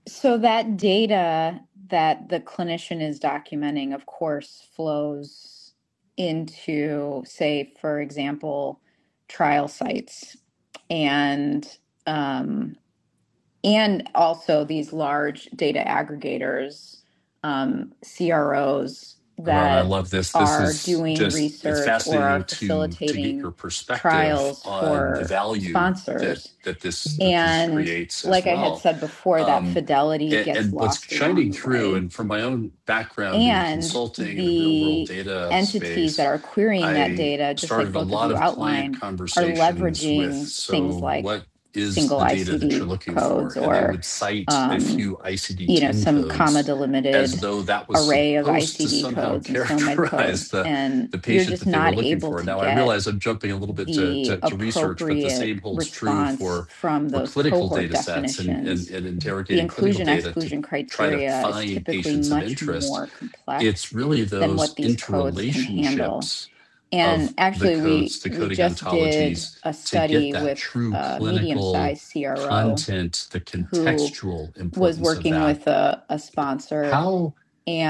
S2: So that data that the clinician is documenting, of course, flows into, say, for example, trial sites and um, and also these large data aggregators, um, CROs
S3: And I
S2: that
S3: love this. This
S2: are
S3: is
S2: doing
S3: just it's
S2: research or are
S3: fascinating to to get
S2: facilitating
S3: your perspective
S2: trials
S3: on the
S2: for
S3: value that
S2: sponsors.
S3: that this that this
S2: And
S3: creates as
S2: like I had
S3: well.
S2: said before, that
S3: Um,
S2: fidelity
S3: and,
S2: gets
S3: and what's
S2: lost along
S3: shining
S2: the
S3: through,
S2: way
S3: and from my own background in
S2: and
S3: consulting in the real world
S2: the
S3: data
S2: entities that
S3: space,
S2: are querying that
S3: I
S2: data, just like
S3: started a
S2: both of
S3: lot
S2: you
S3: of client
S2: outlined, are
S3: conversations with.
S2: leveraging things
S3: So
S2: like
S3: what is
S2: single
S3: the data that
S2: ICD
S3: you're looking
S2: codes
S3: for? And they
S2: or
S3: would cite a
S2: um,
S3: few
S2: you know
S3: ICD-10
S2: some
S3: codes
S2: comma
S3: as
S2: delimited
S3: though that was
S2: array of
S3: supposed to
S2: ICD
S3: somehow
S2: codes and SNOMED
S3: characterize
S2: codes,
S3: the
S2: and
S3: the
S2: you're
S3: patient
S2: just
S3: that they were
S2: not
S3: looking
S2: able
S3: for.
S2: to
S3: Now I
S2: get
S3: realize I'm jumping a little bit to
S2: the
S3: to, to research, but the
S2: appropriate
S3: same holds true
S2: response
S3: for
S2: from
S3: for
S2: those
S3: clinical
S2: cohort
S3: data sets and,
S2: definitions
S3: and and
S2: the
S3: interrogating clinical
S2: inclusion
S3: data to
S2: exclusion
S3: try to
S2: criteria is
S3: find
S2: typically
S3: patients of
S2: much
S3: interest.
S2: more
S3: It's
S2: complex
S3: really
S2: than what
S3: those
S2: these codes can handle.
S3: interrelationships
S2: And
S3: of the
S2: actually, we
S3: codes, the
S2: we
S3: coding
S2: just did
S3: ontologies,
S2: a
S3: to get
S2: study
S3: that
S2: with
S3: true
S2: a medium
S3: clinical
S2: sized CRO
S3: content, the
S2: who
S3: contextual
S2: was
S3: importance of
S2: working
S3: that.
S2: with a, a sponsor
S3: How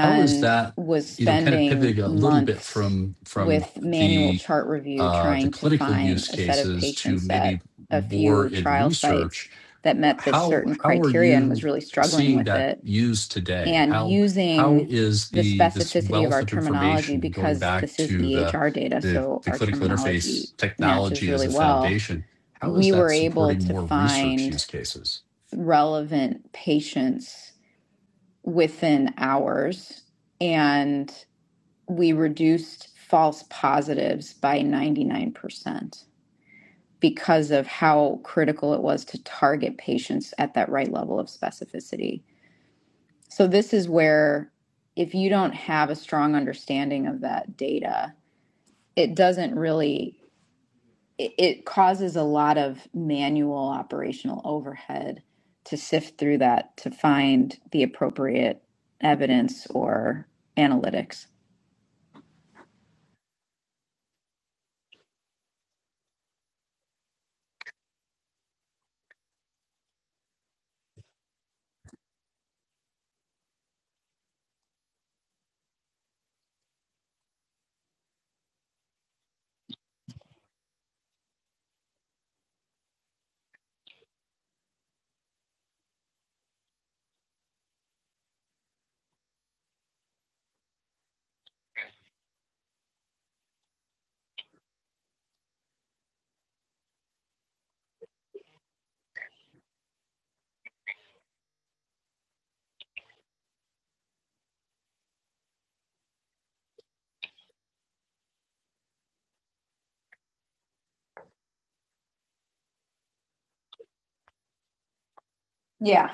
S3: how is that,
S2: was
S3: you know, kind of
S2: spending
S3: pivoting a little bit
S2: months
S3: from from
S2: with manual
S3: the
S2: chart review
S3: uh, the
S2: trying to
S3: clinical
S2: find
S3: use
S2: a set of
S3: cases to
S2: patients at
S3: maybe
S2: a
S3: more
S2: few
S3: in
S2: trial
S3: research?
S2: sites that met this
S3: how
S2: certain
S3: how are
S2: criteria and
S3: you
S2: was really struggling
S3: seeing
S2: with
S3: that
S2: it
S3: used today?
S2: and
S3: How how
S2: using
S3: is
S2: the
S3: the this
S2: specificity of
S3: wealth
S2: our
S3: of
S2: terminology
S3: information and going
S2: because
S3: back
S2: this is
S3: to the
S2: EHR data,
S3: the,
S2: so
S3: the
S2: our
S3: clinical
S2: terminology
S3: interface
S2: matches
S3: technology as
S2: really
S3: a
S2: well.
S3: foundation? How is
S2: We were
S3: that
S2: able
S3: supporting
S2: to
S3: more research
S2: find
S3: use cases?
S2: relevant patients within hours and we reduced false positives by 99% because of how critical it was to target patients at that right level of specificity. So this is where if you don't have a strong understanding of that data, it doesn't really it, it causes a lot of manual operational overhead to sift through that to find the appropriate evidence or analytics. Yeah.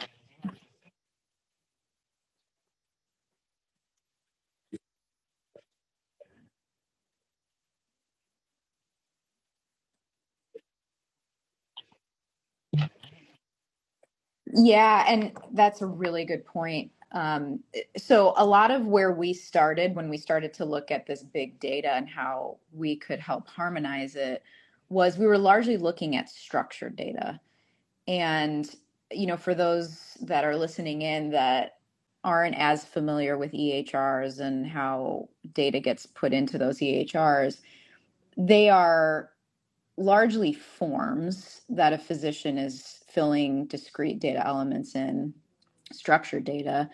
S2: Yeah, and that's a really good point. Um, so, a lot of where we started when we started to look at this big data and how we could help harmonize it was we were largely looking at structured data. And, you know, for those that are listening in that aren't as familiar with EHRs and how data gets put into those EHRs, they are largely forms that a physician is filling discrete data elements in, structured data.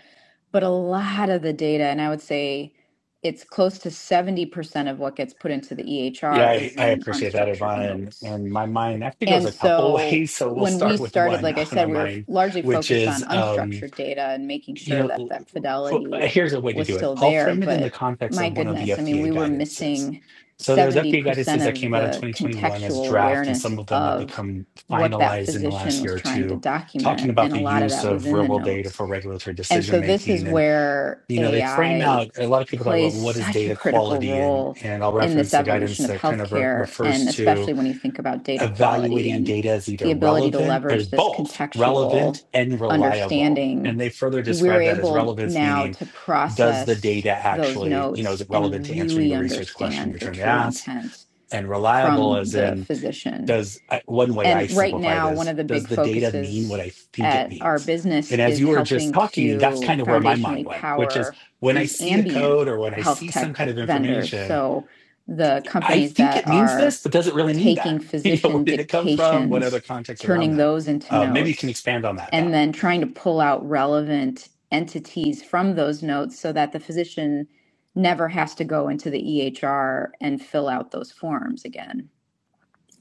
S2: But a lot of the data, and I would say it's close to 70% of what gets put into the
S1: Yeah,
S2: EHR,
S1: I,
S2: is
S1: I
S2: in
S1: appreciate that,
S2: unstructured
S1: Ivana. And,
S2: notes.
S1: and my mind actually goes
S2: And
S1: a couple of
S2: so
S1: ways. So we'll
S2: when we
S1: start with
S2: started,
S1: one
S2: like I
S1: on my
S2: said, we were
S1: mind,
S2: largely
S1: which
S2: focused on
S1: is, um,
S2: unstructured data and making
S1: you
S2: sure that
S1: know,
S2: that
S1: well,
S2: fidelity
S1: here's a way to
S2: was
S1: do it.
S2: still
S1: I'll
S2: there.
S1: frame it in the
S2: But
S1: context
S2: my
S1: of one of the
S2: goodness, I mean,
S1: FDA
S2: we were
S1: guidances.
S2: missing
S1: So there's
S2: 70%
S1: FDA guidances that
S2: of
S1: came out in
S2: the
S1: 2021 as
S2: contextual
S1: draft, and
S2: awareness
S1: some of them have
S2: of
S1: become
S2: what that
S1: finalized in the
S2: physician
S1: last
S2: was
S1: year or
S2: trying to
S1: two, talking
S2: document.
S1: about
S2: And a
S1: the
S2: lot of
S1: use
S2: that was
S1: of
S2: in
S1: real
S2: the
S1: world data
S2: notes.
S1: for regulatory
S2: And
S1: decision
S2: so this is
S1: making. and
S2: where
S1: you know they frame
S2: AI
S1: out a lot of people talk about
S2: plays
S1: what is
S2: such a
S1: data
S2: critical
S1: quality and
S2: role
S1: and i'll
S2: in this
S1: reference the guidance
S2: evolution of
S1: that kind of re-
S2: healthcare,
S1: refers
S2: and
S1: to
S2: especially when you think about data quality
S1: evaluating
S2: and
S1: data as
S2: the
S1: either
S2: ability to
S1: relevant or
S2: leverage this
S1: both
S2: contextual
S1: relevant and reliable
S2: understanding,
S1: and they further
S2: we're
S1: describe that as
S2: able
S1: relevance
S2: now
S1: meaning
S2: to
S1: does the
S2: process
S1: data
S2: those
S1: actually you know is
S2: notes
S1: it relevant
S2: and
S1: to answering
S2: really
S1: the research question
S2: understand
S1: you're
S2: the
S1: trying to
S2: true
S1: ask
S2: intent
S1: and reliable
S2: from
S1: as
S2: the
S1: in
S2: physician
S1: does I- one way i
S2: and right
S1: simplify it
S2: now, one
S1: is
S2: of the
S1: does
S2: big
S1: the data mean what
S2: focuses
S1: i think it
S2: at our
S1: means
S2: business
S1: and as
S2: is
S1: you were just
S2: helping
S1: talking that's
S2: to
S1: kind of where my mind
S2: foundationally
S1: went which is
S2: power
S1: when i
S2: these
S1: see a
S2: ambient
S1: code or when i
S2: health
S1: see
S2: tech
S1: some kind of
S2: vendors.
S1: information
S2: So the
S1: i
S2: companies
S1: think it
S2: that
S1: means
S2: are
S1: this but does it really mean
S2: taking
S1: that you know where
S2: physician
S1: did it come from what other
S2: dictations,
S1: context around
S2: turning
S1: that
S2: those into
S1: uh, maybe you can
S2: notes,
S1: expand on that
S2: and
S1: thought
S2: then trying to pull out relevant entities from those notes so that the physician never has to go into the EHR and fill out those forms again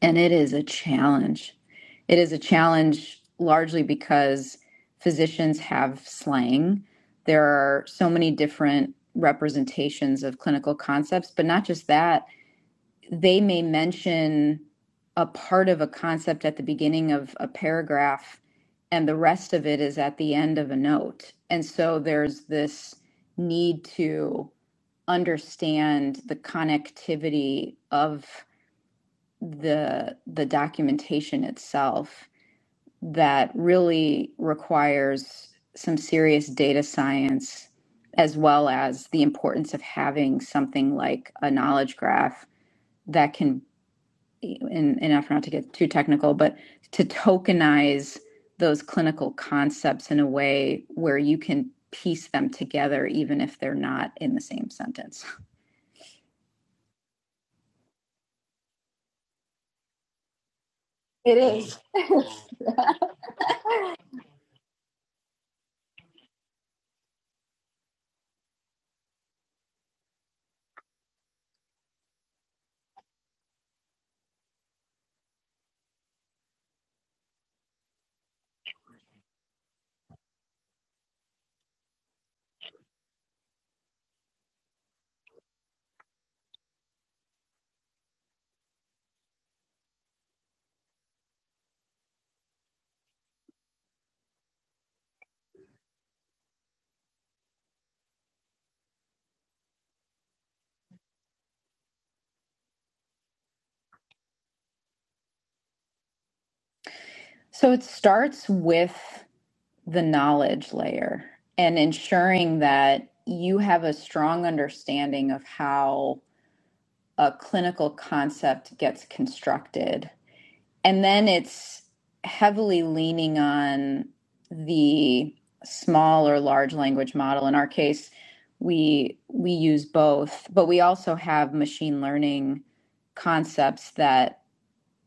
S2: and it is a challenge. It is a challenge largely because physicians have slang. There are so many different representations of clinical concepts, but not just that. They may mention a part of a concept at the beginning of a paragraph, and the rest of it is at the end of a note. And so there's this need to understand the connectivity of the the documentation itself that really requires some serious data science as well as the importance of having something like a knowledge graph that can and, and not to get too technical but to tokenize those clinical concepts in a way where you can piece them together even if they're not in the same sentence It is. so it starts with the knowledge layer and ensuring that you have a strong understanding of how a clinical concept gets constructed. And then it's heavily leaning on the small or large language model. In our case, we we use both, but we also have machine learning concepts that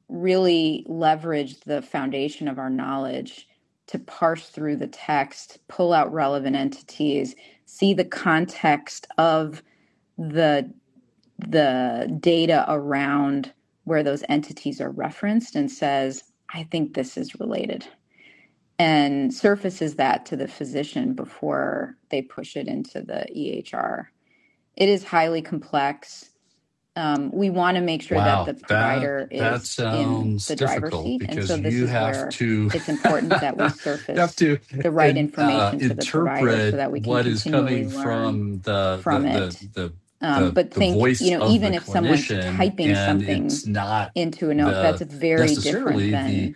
S2: really leverage the foundation of our knowledge to parse through the text, pull out relevant entities, see the context of the the data around where those entities are referenced and says, I think this is related and surfaces that to the physician before they push it into the EHR. It is highly complex um, we want to make sure that
S3: Wow,
S2: the
S3: that
S2: provider
S3: that
S2: is in
S3: sounds
S2: the driver's
S3: difficult
S2: seat. And so
S3: because
S2: this
S3: you
S2: is
S3: have
S2: where
S3: to
S2: it's important that we
S3: you have
S2: surface
S3: to
S2: the right
S3: in, uh,
S2: information to the provider so
S3: interpret
S2: that we can
S3: what is
S2: continually
S3: coming
S2: learn
S3: from the the
S2: from
S3: the
S2: it.
S3: the
S2: Um,
S3: the
S2: but
S3: the
S2: think, you
S3: voice
S2: know,
S3: of
S2: even
S3: the
S2: if someone's
S3: clinician,
S2: typing
S3: and
S2: something
S3: it's not
S2: into a note, that's
S3: the
S2: very different
S3: necessarily the
S2: than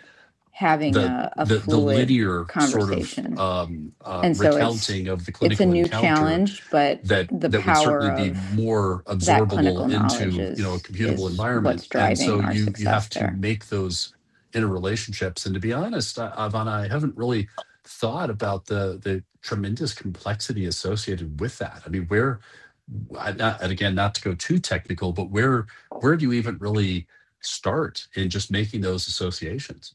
S2: having
S3: the
S2: a, a
S3: the the
S2: fluid
S3: linear sort of
S2: conversation.
S3: um, uh,
S2: And so it's
S3: recounting of the
S2: it's a
S3: clinical
S2: new
S3: encounter
S2: challenge, but
S3: that
S2: the
S3: that would
S2: power
S3: certainly be
S2: of
S3: more
S2: that
S3: absorbable
S2: clinical knowledge
S3: into you know a
S2: is
S3: computable
S2: is what's
S3: environment and
S2: driving
S3: so
S2: our
S3: you you
S2: success
S3: have to
S2: there.
S3: make those interrelationships and to be honest I- ivana i haven't really thought about the the tremendous complexity associated with that i mean where I, not, and again not to go too technical but where where do you even really start in just making those associations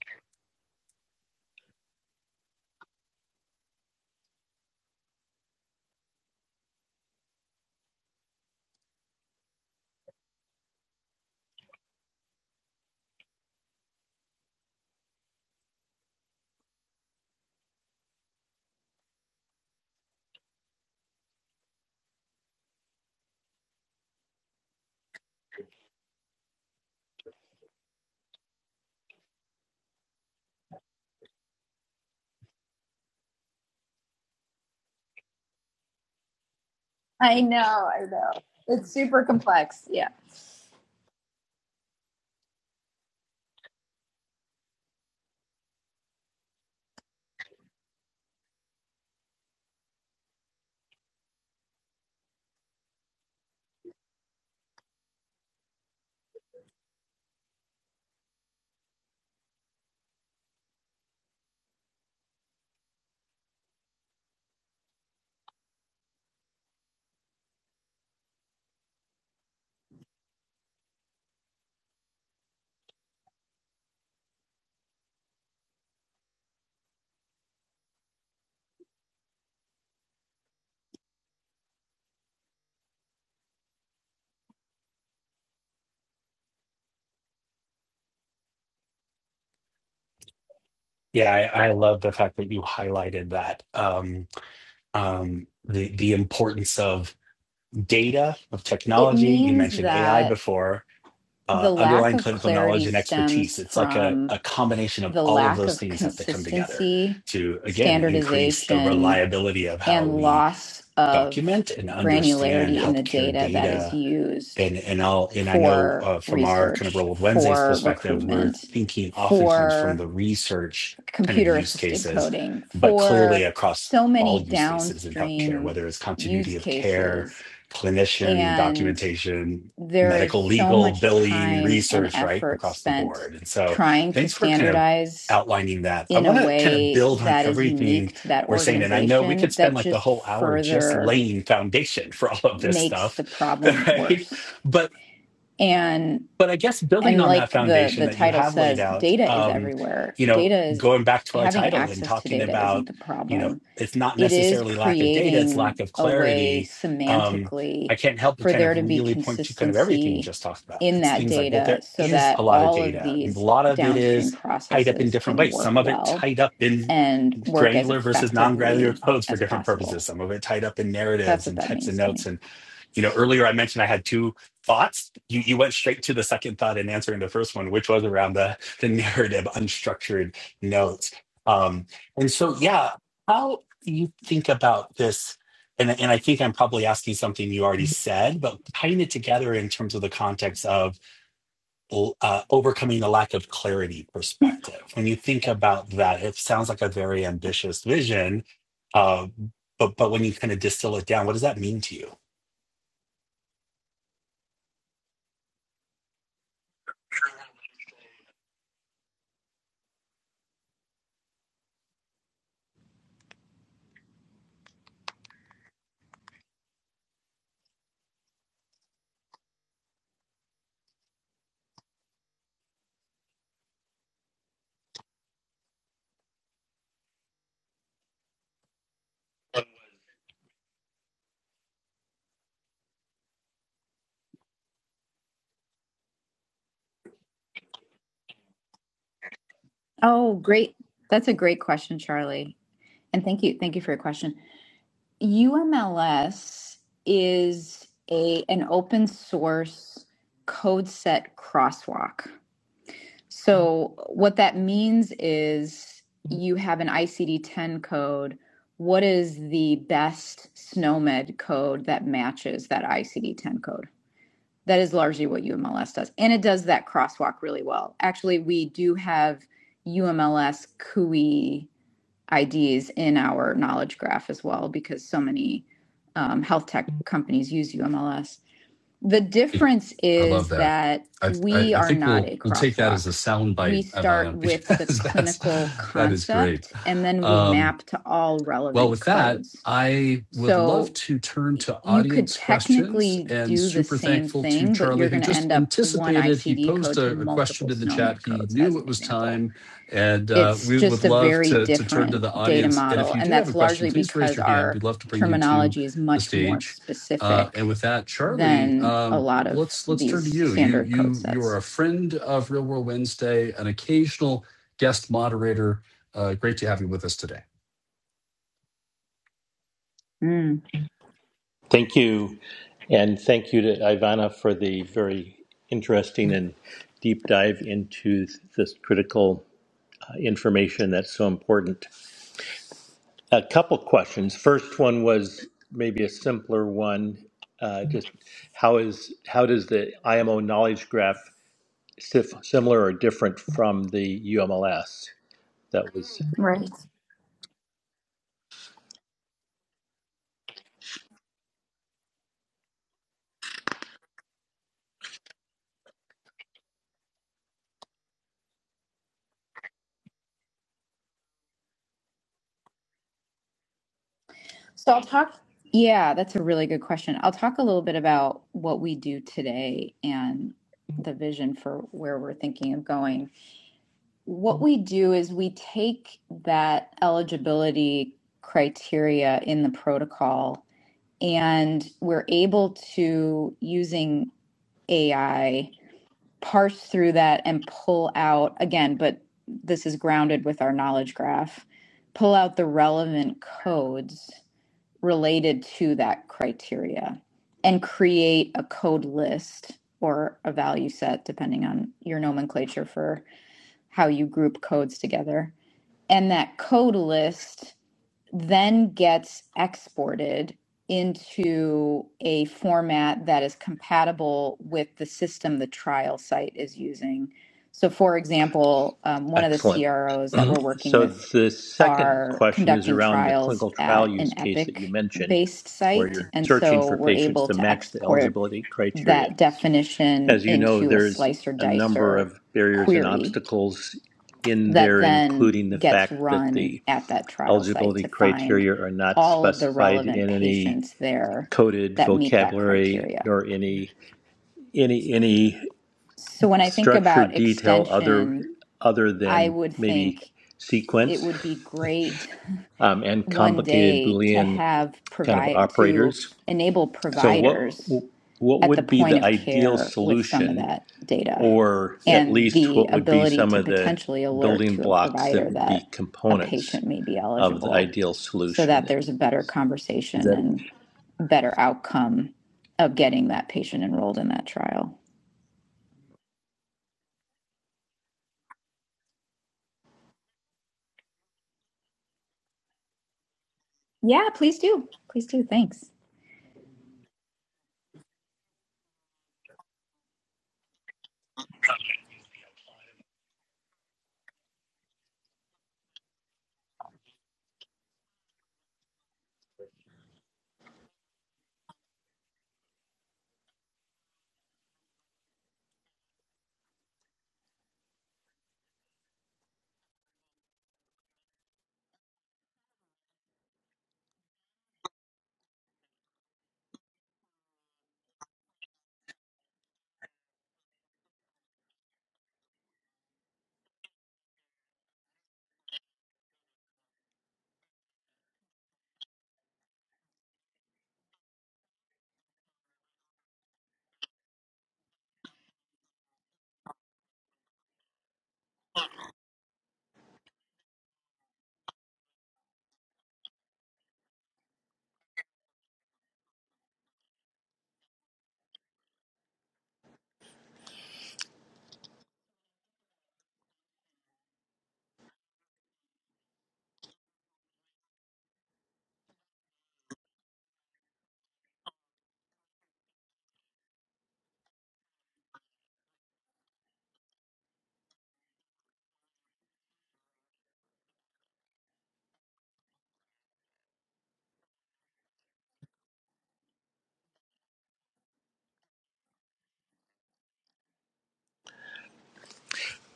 S2: I know, I know. It's super complex. Yeah.
S1: yeah I, I love the fact that you highlighted that um, um, the, the importance of data of
S2: It
S1: technology you
S2: means
S1: mentioned ai
S2: that
S1: before uh,
S2: the lack
S1: underlying
S2: of
S1: clinical
S2: clarity
S1: knowledge and
S2: stems
S1: expertise. It's like a,
S2: from
S1: a combination of
S2: the
S1: all of
S2: lack
S1: those
S2: of
S1: things have to come together
S2: consistency,
S1: to, again, increase the
S2: standardization,
S1: reliability of how
S2: and
S1: we
S2: loss of
S1: document and understand
S2: granularity in the
S1: healthcare
S2: data that
S1: data
S2: is used
S1: and and I'll and I know
S2: for
S1: uh, from our kind of Real
S2: research,
S1: World Wednesdays
S2: for
S1: perspective, we're
S2: recruitment,
S1: thinking oftentimes from
S2: for
S1: the research kind of
S2: computer
S1: use
S2: assisted
S1: cases,
S2: coding
S1: but clearly
S2: for
S1: across
S2: so many
S1: all use cases in healthcare,
S2: downstream
S1: whether it's continuity
S2: use
S1: of care,
S2: cases
S1: clinician
S2: and
S1: documentation,
S2: there is
S1: medical
S2: so
S1: legal
S2: much
S1: billing
S2: time and
S1: research, right
S2: effort
S1: across the
S2: spent
S1: board. And so,
S2: trying to
S1: thanks for kind of
S2: standardize
S1: outlining that. I
S2: in a
S1: want to kind of
S2: way
S1: build on
S2: that is
S1: everything
S2: unique to that
S1: we're saying, and I know we could
S2: organization
S1: spend
S2: that
S1: like the
S2: just
S1: whole hour just
S2: further
S1: laying foundation for all of this
S2: makes
S1: stuff
S2: the problem
S1: right?
S2: worse
S1: but
S2: and
S1: but i guess building
S2: and
S1: on that
S2: like the
S1: foundation
S2: the
S1: that you
S2: title
S1: have laid
S2: says
S1: out
S2: data is
S1: um
S2: everywhere
S1: you know
S2: data is
S1: going back to our
S2: having
S1: title and
S2: access to
S1: talking
S2: data isn't
S1: about
S2: the
S1: you know
S2: problem
S1: it's not
S2: it is
S1: necessarily lack of data it's
S2: creating
S1: lack of
S2: a way
S1: clarity um i
S2: semantically
S1: can't help but
S2: for
S1: kind
S2: there
S1: of
S2: to be
S1: really point to kind of everything you
S2: consistency
S1: just talked about
S2: in
S1: it's
S2: that
S1: things like well
S2: data
S1: there
S2: so
S1: is a
S2: that
S1: lot of
S2: all of
S1: data a
S2: these
S1: lot of it
S2: downstream
S1: is tied up in
S2: processes
S1: different
S2: can
S1: ways
S2: work
S1: some of it
S2: well
S1: tied up in
S2: and work as
S1: granular versus non-granular
S2: effectively
S1: codes for
S2: as
S1: different
S2: possible.
S1: purposes some of it tied up in
S2: That's
S1: narratives
S2: what
S1: and
S2: that
S1: texts and
S2: means to
S1: notes
S2: me.
S1: and you know earlier i mentioned i had two thoughts you, you went straight to the second thought in answering the first one which was around the the narrative unstructured notes um and so yeah how do you think about this and, and i think i'm probably asking something you already said but tying it together in terms of the context of uh, overcoming the lack of clarity perspective when you think about that it sounds like a very ambitious vision uh, but but when you kind of distill it down what does that mean to you
S2: Oh, great. That's a great question, Charlie. And thank you. Thank you for your question. UMLS is a an open source code set crosswalk. So what that means is you have an ICD 10 code. What is the best SNOMED code that matches that ICD 10 code? That is largely what UMLS does. And it does that crosswalk really well. Actually, we do have UMLS CUI IDs in our knowledge graph as well because so many um, health tech companies use UMLS. The difference
S3: I love
S2: is
S3: that.
S2: that
S3: I, I
S2: we
S3: I
S2: are
S3: think
S2: not
S3: we'll
S2: a
S3: we'll take that as
S2: crosswalk.
S3: a
S2: We
S3: soundbite,
S2: start
S3: Ivana,
S2: with the
S3: because that's
S2: clinical
S3: that is great.
S2: concept and then we
S3: Um,
S2: map to all
S3: well,
S2: relevant
S3: with that,
S2: codes.
S3: I would love
S2: So
S3: to turn to
S2: you could
S3: audience questions
S2: technically
S3: and
S2: do the
S3: super
S2: same
S3: thankful to
S2: thing, but
S3: Charlie,
S2: you're
S3: who
S2: going to
S3: just
S2: end up one
S3: anticipated. He
S2: ICD
S3: posed
S2: code to
S3: a, a
S2: multiple
S3: question in the chat.
S2: SNOMED
S3: He
S2: codes, as
S3: knew
S2: an
S3: it was
S2: example
S3: time. And uh,
S2: it's
S3: we would
S2: just a
S3: love
S2: very
S3: to, to turn to
S2: different
S3: the
S2: data
S3: audience. And if
S2: model
S3: you
S2: and
S3: do have a
S2: that's
S3: question,
S2: largely
S3: please raise
S2: because
S3: your hand.
S2: our
S3: We'd love to bring you to
S2: terminology is
S3: the
S2: much more
S3: stage. Uh, and
S2: specific
S3: with that, Charlie,
S2: than a
S3: um,
S2: lot of
S3: let's let's turn
S2: these
S3: to you. You
S2: standard code
S3: you you are
S2: sets
S3: a friend of Real World Wednesday, an occasional guest moderator. Uh, great to have you with us today.
S2: Mm.
S4: Thank you. And thank you to Ivana for the very interesting and deep dive into this critical uh, information that's so important. A couple questions. First one was maybe a simpler one. Uh, just how is how does the IMO knowledge graph sif- similar or different from the UMLS? That was
S2: Right. so i'll talk yeah that's a really good question i'll talk a little bit about what we do today and the vision for where we're thinking of going what we do is we take that eligibility criteria in the protocol and we're able to using AI parse through that and pull out again, but this is grounded with our knowledge graph, pull out the relevant codes related to that criteria and create a code list or a value set depending on your nomenclature for how you group codes together. And that code list then gets exported into a format that is compatible with the system the trial site is using. So, for example, um, one of the
S4: excellent.
S2: CROs that we're working
S4: So
S2: with
S4: the second
S2: are
S4: question is
S2: conducting
S4: around the
S2: trials
S4: clinical trial
S2: at an
S4: use case that you
S2: Epic
S4: mentioned,
S2: based
S4: where
S2: site.
S4: you're
S2: And
S4: searching
S2: so
S4: for
S2: we're
S4: patients
S2: able
S4: to
S2: to
S4: match the
S2: export
S4: eligibility criteria.
S2: that definition
S4: As you know,
S2: into a
S4: there's
S2: slicer
S4: a number
S2: dicer
S4: of barriers and
S2: query
S4: obstacles in
S2: that
S4: there,
S2: then
S4: including the
S2: gets
S4: fact that
S2: run
S4: the
S2: at that trial site
S4: eligibility
S2: to find
S4: criteria are not
S2: all of the
S4: specified
S2: relevant
S4: in any
S2: patients there
S4: coded
S2: that meet that
S4: vocabulary
S2: criteria.
S4: nor any any any
S2: So when I think
S4: structured
S2: about
S4: detail other
S2: extension,
S4: other
S2: I
S4: than
S2: would
S4: maybe
S2: think it
S4: sequence
S2: would be great
S4: um, and
S2: one
S4: complicated
S2: day to
S4: Boolean
S2: have
S4: kind of
S2: provide to
S4: operators.
S2: enable
S4: So, what
S2: providers
S4: what
S2: at the
S4: would be
S2: point
S4: the
S2: of
S4: ideal
S2: care with some of
S4: solution,
S2: that data
S4: or at
S2: and
S4: least
S2: the
S4: what would be
S2: ability
S4: some
S2: to
S4: of the
S2: potentially alert
S4: building
S2: to a
S4: blocks that
S2: provider
S4: would be
S2: that a
S4: components
S2: patient may be
S4: of the
S2: eligible
S4: ideal
S2: so
S4: solution?
S2: that there's a better
S4: Is
S2: conversation
S4: that a-
S2: and better outcome of getting that patient enrolled in that trial. Yeah, please do. Please do. Thanks.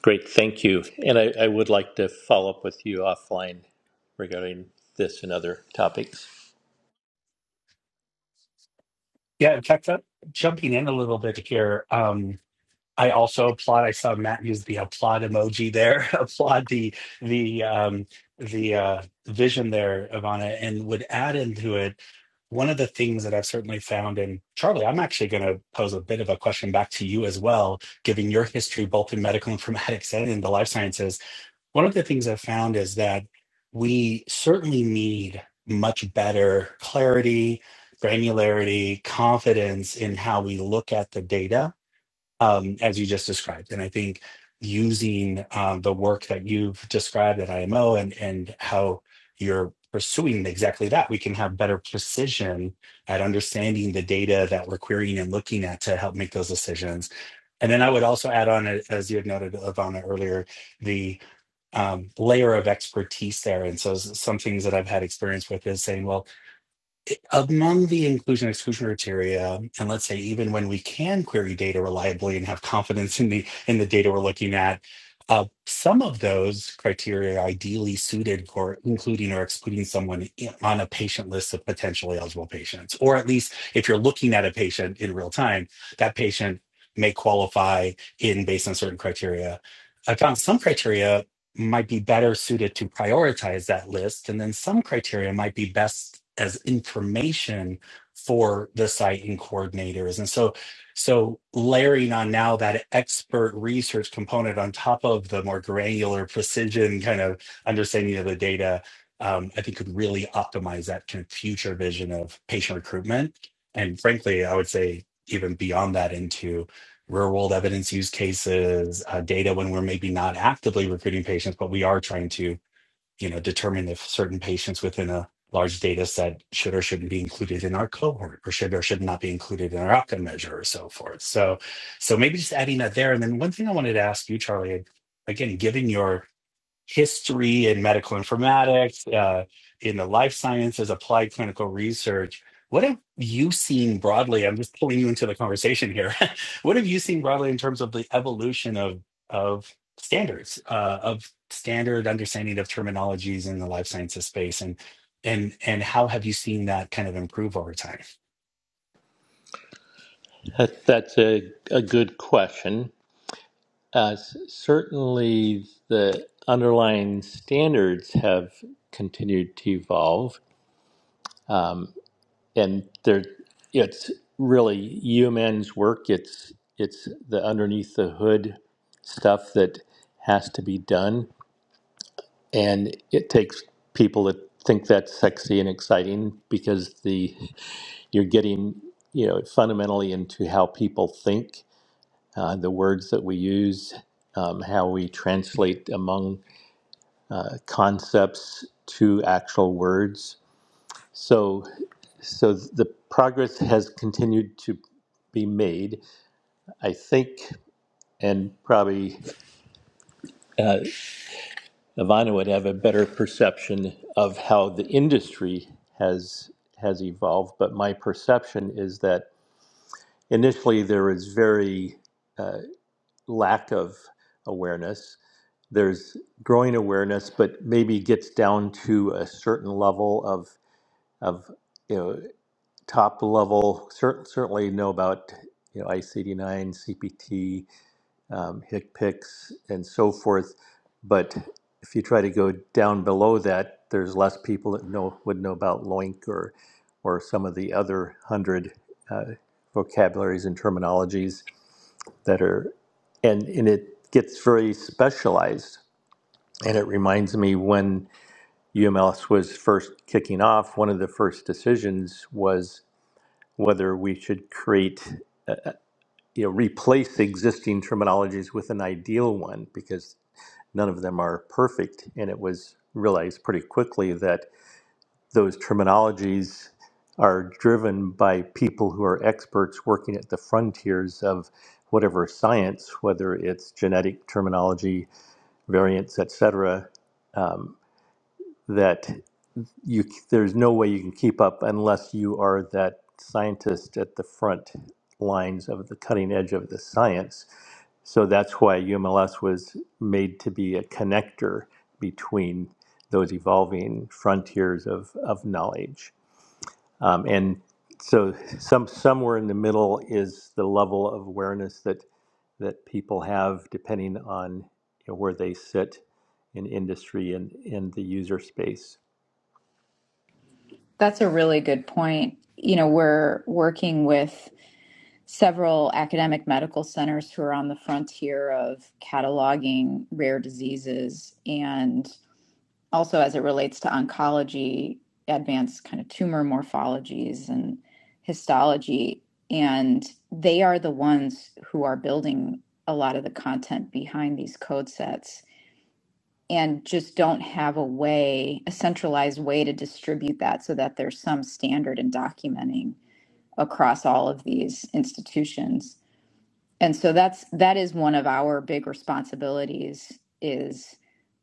S4: great? Thank you. And I, I would like to follow up with you offline regarding this and other topics.
S1: Yeah, in fact, uh, jumping in a little bit here, um, I also applaud. I saw Matt use the applaud emoji there. applaud the the um, the uh, vision there, Ivana, and would add into it one of the things that I've certainly found. And Charlie, I'm actually going to pose a bit of a question back to you as well, given your history both in medical informatics and in the life sciences one of the things I've found is that we certainly need much better clarity, granularity, confidence in how we look at the data, um, as you just described. And I think using um, the work that you've described at IMO and, and how you're pursuing exactly that, we can have better precision at understanding the data that we're querying and looking at to help make those decisions. And then I would also add on, as you had noted, Ivana, earlier, the um, layer of expertise there. And so s- some things that I've had experience with is saying, well, among the inclusion exclusion criteria, and let's say even when we can query data reliably and have confidence in the in the data we're looking at, uh, some of those criteria are ideally suited for including or excluding someone i- on a patient list of potentially eligible patients, or at least if you're looking at a patient in real time, that patient may qualify in based on certain criteria. I found some criteria might be better suited to prioritize that list. And then some criteria might be best as information for the site and coordinators. And so, so layering on now that expert research component on top of the more granular precision kind of understanding of the data, um, I think could really optimize that kind of future vision of patient recruitment. And frankly, I would say even beyond that into real world evidence use cases, uh, data when we're maybe not actively recruiting patients, but we are trying to, you know, determine if certain patients within a large data set should or shouldn't be included in our cohort or should or should not be included in our outcome measure or so forth. So, so maybe just adding that there. And then one thing I wanted to ask you, Charlie, again, given your history in medical informatics, uh, in the life sciences, applied clinical research. What have you seen broadly? I'm just pulling you into the conversation here. what have you seen broadly in terms of the evolution of of standards, uh, of standard understanding of terminologies in the life sciences space, and and and how have you seen that kind of improve over time?
S4: That, that's a, a good question. Uh, s- certainly, the underlying standards have continued to evolve, um, and there, it's really UMN's work. It's it's the underneath the hood stuff that has to be done, and it takes people that think that's sexy and exciting because the you're getting you know fundamentally into how people think, uh, the words that we use, um, how we translate among uh, concepts to actual words. So, so the progress has continued to be made. I think, and probably uh, Ivana would have a better perception of how the industry has has evolved. But my perception is that initially there was very uh, lack of awareness. There's growing awareness, but maybe gets down to a certain level of of you know top level, cer- certainly know about you know ICD-9, CPT, um, HCPCS, and so forth. But if you try to go down below that, there's less people that know would know about LOINC or or some of the other hundred uh, vocabularies and terminologies that are, and and it gets very specialized. And it reminds me when UMLS was first kicking off, one of the first decisions was whether we should create, uh, uh, you know, replace existing terminologies with an ideal one because none of them are perfect. And it was realized pretty quickly that those terminologies are driven by people who are experts working at the frontiers of whatever science, whether it's genetic terminology, variants, etc. Um, that you there's no way you can keep up unless you are that scientist at the front lines of the cutting edge of the science. So that's why UMLS was made to be a connector between those evolving frontiers of, of knowledge. Um, and so some somewhere in the middle is the level of awareness that that people have depending on you know, where they sit in industry and in the user space.
S2: That's a really good point. You know, we're working with several academic medical centers who are on the frontier of cataloging rare diseases and also as it relates to oncology, advanced kind of tumor morphologies and histology. And they are the ones who are building a lot of the content behind these code sets and just don't have a way, a centralized way to distribute that so that there's some standard in documenting across all of these institutions and so that's that is one of our big responsibilities is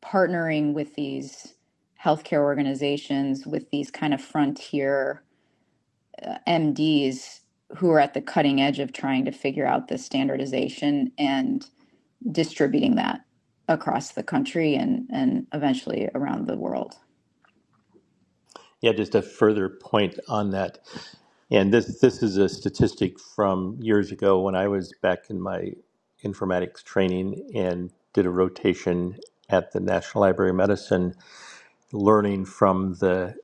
S2: partnering with these healthcare organizations with these kind of frontier uh, MDs who are at the cutting edge of trying to figure out the standardization and distributing that across the country and and eventually around the world.
S4: Yeah, just a further point on that. And this this is a statistic from years ago when I was back in my informatics training and did a rotation at the National Library of Medicine, learning from the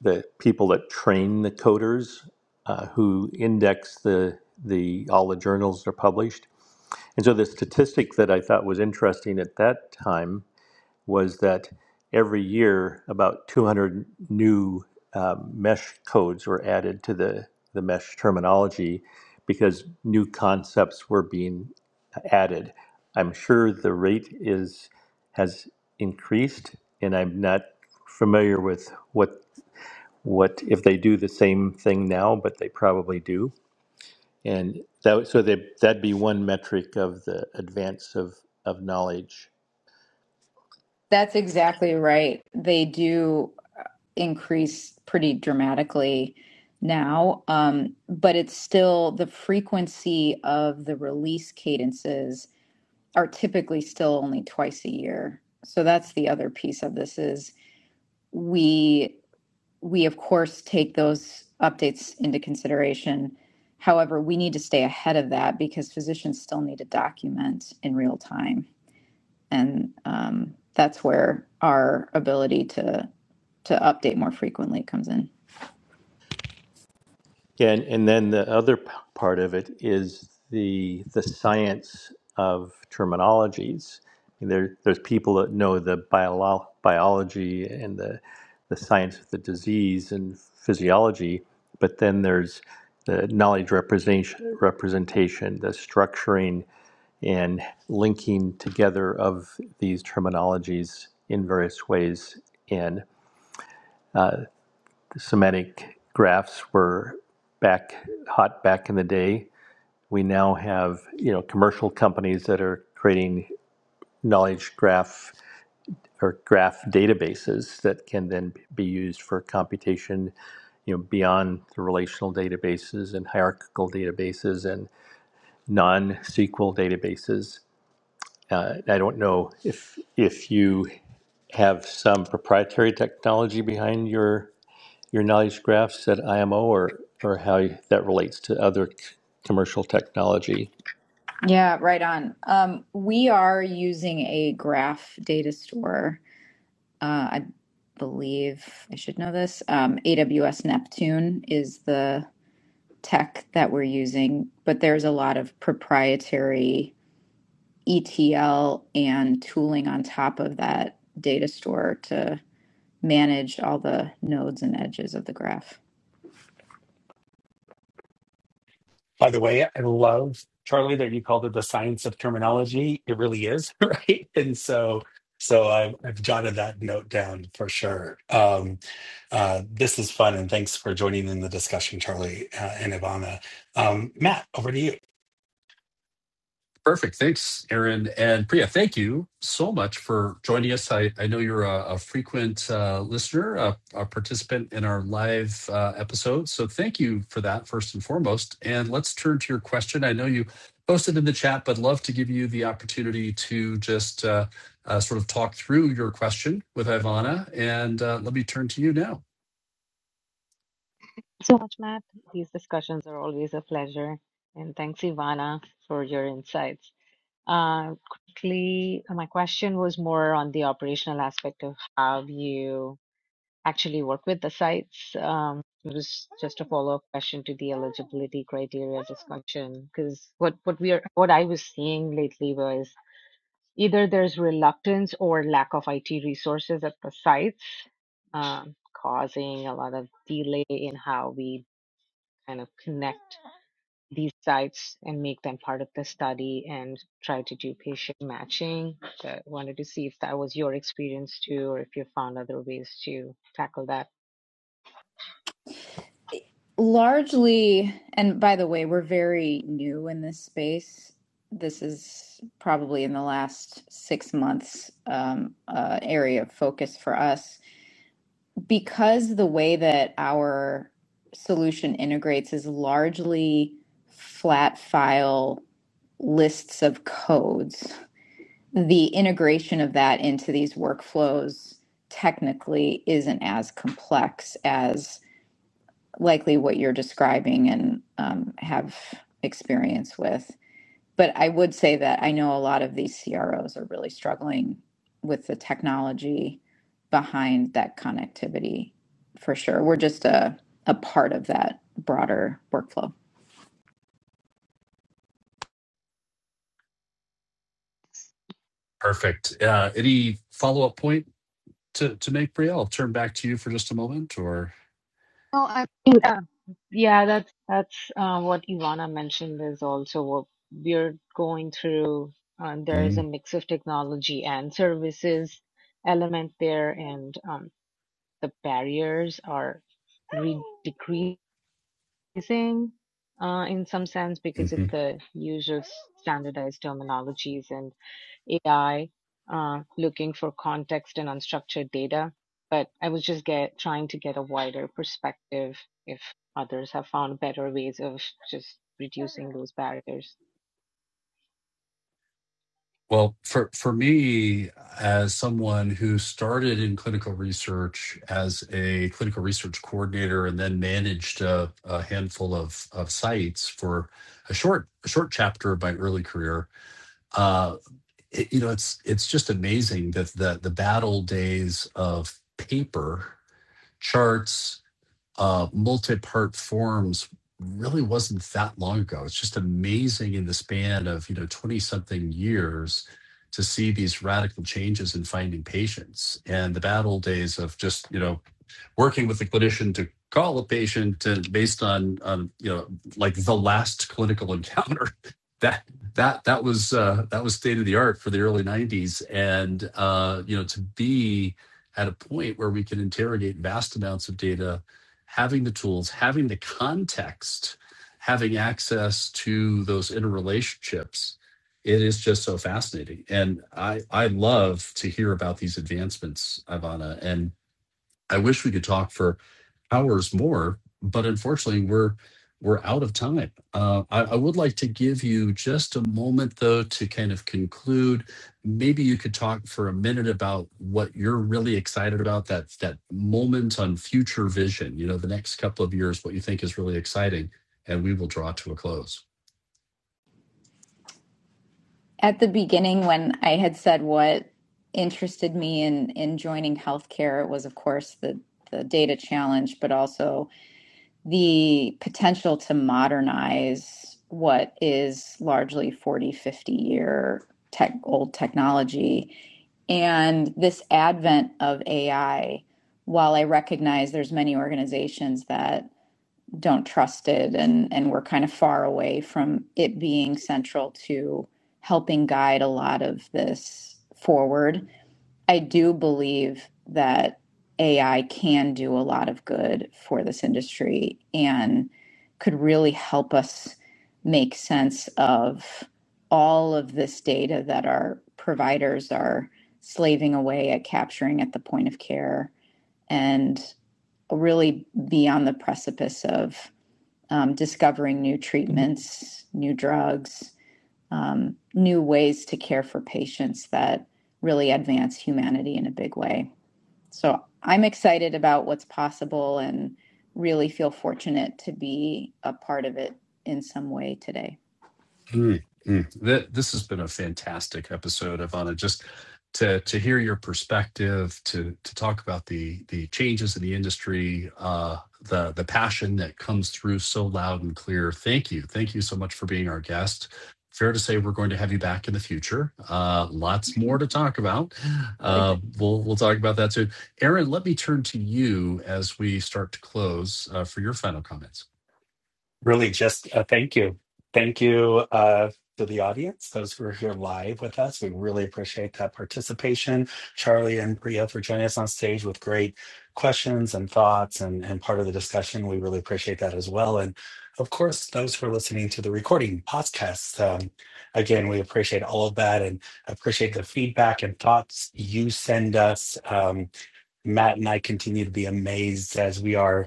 S4: the people that train the coders uh, who index the the all the journals that are published. And so the statistic that I thought was interesting at that time was that every year about 200 new um, mesh codes were added to the, the mesh terminology because new concepts were being added. I'm sure the rate is has increased, and I'm not familiar with what what if they do the same thing now, but they probably do. And that so they, that'd be one metric of the advance of, of knowledge
S2: That's exactly right. They do increase pretty dramatically now, um, but it's still the frequency of the release cadences are typically still only twice a year. So that's the other piece of this is we we of course take those updates into consideration. However, we need to stay ahead of that because physicians still need to document in real time, and um, that's where our ability to to update more frequently comes in.
S4: Yeah, and, and then the other p- part of it is the the science of terminologies. I mean, There, there's people that know the bio, biology and the the science of the disease and physiology, but then there's the knowledge representation, representation, the structuring and linking together of these terminologies in various ways. And semantic graphs were back hot back in the day. We now have you know commercial companies that are creating knowledge graph or graph databases that can then be used for computation you know beyond the relational databases and hierarchical databases and non-SQL databases. Uh, I don't know if if you have some proprietary technology behind your your knowledge graphs at IMO or, or how that relates to other c- commercial technology?
S2: Yeah, right on. Um, we are using a graph data store. Uh, I believe I should know this. Um, AWS Neptune is the tech that we're using, but there's a lot of proprietary ETL and tooling on top of that data store to manage all the nodes and edges of the graph.
S1: By the way, I love Charlie that you called it the science of terminology. It really is, right? And so, so I've, I've jotted that note down for sure. Um, uh, this is fun, and thanks for joining in the discussion, Charlie uh, and Ivana. Um, Matt, over to you.
S3: Perfect. Thanks, Aaron and Priya. Thank you so much for joining us. I, I know you're a, a frequent uh, listener, a, a participant in our live uh, episodes. So thank you for that, first and foremost. And let's turn to your question. I know you posted in the chat, but love to give you the opportunity to just uh, uh, sort of talk through your question with Ivana. And uh, let me turn to you now.
S5: so much, Matt. These discussions are always a pleasure. And thanks, Ivana, for your insights. Uh, quickly, my question was more on the operational aspect of how you actually work with the sites. Um, it was just a follow-up question to the eligibility criteria discussion, because what, what we are, what I was seeing lately was either there's reluctance or lack of IT resources at the sites, um, causing a lot of delay in how we kind of connect these sites and make them part of the study and try to do patient matching. So I wanted to see if that was your experience too, or if you found other ways to tackle that.
S2: largely and by the way we're very new in this space this is probably in the last six months um, uh, area of focus for us because the way that our solution integrates is largely flat file lists of codes the integration of that into these workflows technically isn't as complex as likely what you're describing and um, have experience with. But I would say that I know a lot of these CROs are really struggling with the technology behind that connectivity for sure. We're just a, a part of that broader workflow.
S3: Perfect. Uh, any follow up point to, to make, Priya? I'll turn back to you for just a moment or.
S5: Yeah, yeah, that's that's uh, what Ivana mentioned is also what we're going through. Um, there is a
S3: Mm,
S5: mix of technology and services element there, and um, the barriers are re- decreasing confusing uh, in some sense because
S3: mhm.
S5: of the use of standardized terminologies and AI uh, looking for context and unstructured data. But I was just get, trying to get a wider perspective if others have found better ways of just reducing those barriers.
S3: Well, for for me, as someone who started in clinical research as a clinical research coordinator and then managed a, a handful of of sites for a short a short chapter of my early career, uh, it- you know, it's it's just amazing that the the battle days of paper charts uh, multi-part forms really wasn't that long ago. It's just amazing in the span of you know twenty something years to see these radical changes in finding patients and the bad old days of just you know working with the clinician to call a patient and based on, on you know like the last clinical encounter that that that was uh, that was state of the art for the early 90s and uh, you know to be at a point where we can interrogate vast amounts of data having the tools having the context having access to those interrelationships it is just so fascinating and i i love to hear about these advancements ivana and. I wish we could talk for hours more, but unfortunately, we're we're out of time. Uh, I, I would like to give you just a moment, though, to kind of conclude. Maybe you could talk for a minute about what you're really excited about that that moment on future vision. You know, the next couple of years, what you think is really exciting, and we will draw to a close.
S2: At the beginning, when I had said what interested me in, in joining healthcare was, of course, the, the data challenge, but also the potential to modernize what is largely 40, 50 year tech, old technology. And this advent of AI, while I recognize there's many organizations that don't trust it and, and we're kind of far away from it being central to helping guide a lot of this forward I do believe that AI can do a lot of good for this industry and could really help us make sense of all of this data that our providers are slaving away at capturing at the point of care and really be on the precipice of um, discovering new treatments, new drugs, um, new ways to care for patients that really advance humanity in a big way. So I'm excited about what's possible and really feel fortunate to be a part of it in some way today.
S3: Mm, mm. Th- This has been a fantastic episode, Ivana. Just to to hear your perspective, to to talk about the the changes in the industry, uh, the the passion that comes through so loud and clear. Thank you, thank you so much for being our guest. Fair to say, we're going to have you back in the future. Uh, lots more to talk about. Uh, we'll we'll talk about that soon. Aaron, let me turn to you as we start to close uh, for your final comments.
S1: really just a thank you. Thank you uh, to the audience, those who are here live with us. We really appreciate that participation. Charlie and Priya for joining us on stage with great questions and thoughts and, and part of the discussion. We really appreciate that as well. And of course, those who are listening to the recording podcast. Um, again, we appreciate all of that and appreciate the feedback and thoughts you send us. Um, Matt and I continue to be amazed as we are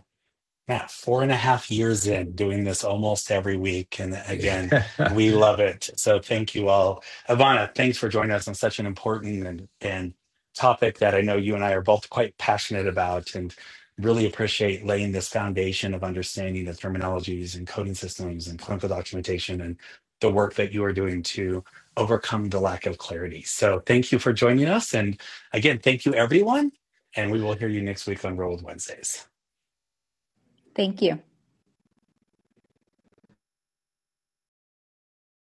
S1: yeah, four and a half years in doing this almost every week. And again, we love it. So thank you all. Ivana, thanks for joining us on such an important and, and topic that I know you and I are both quite passionate about and really appreciate laying this foundation of understanding the terminologies and coding systems and clinical documentation and the work that you are doing to overcome the lack of clarity. So thank you for joining us. And again, thank you, everyone. And we will hear you next week on Roll with Wednesdays.
S2: Thank you.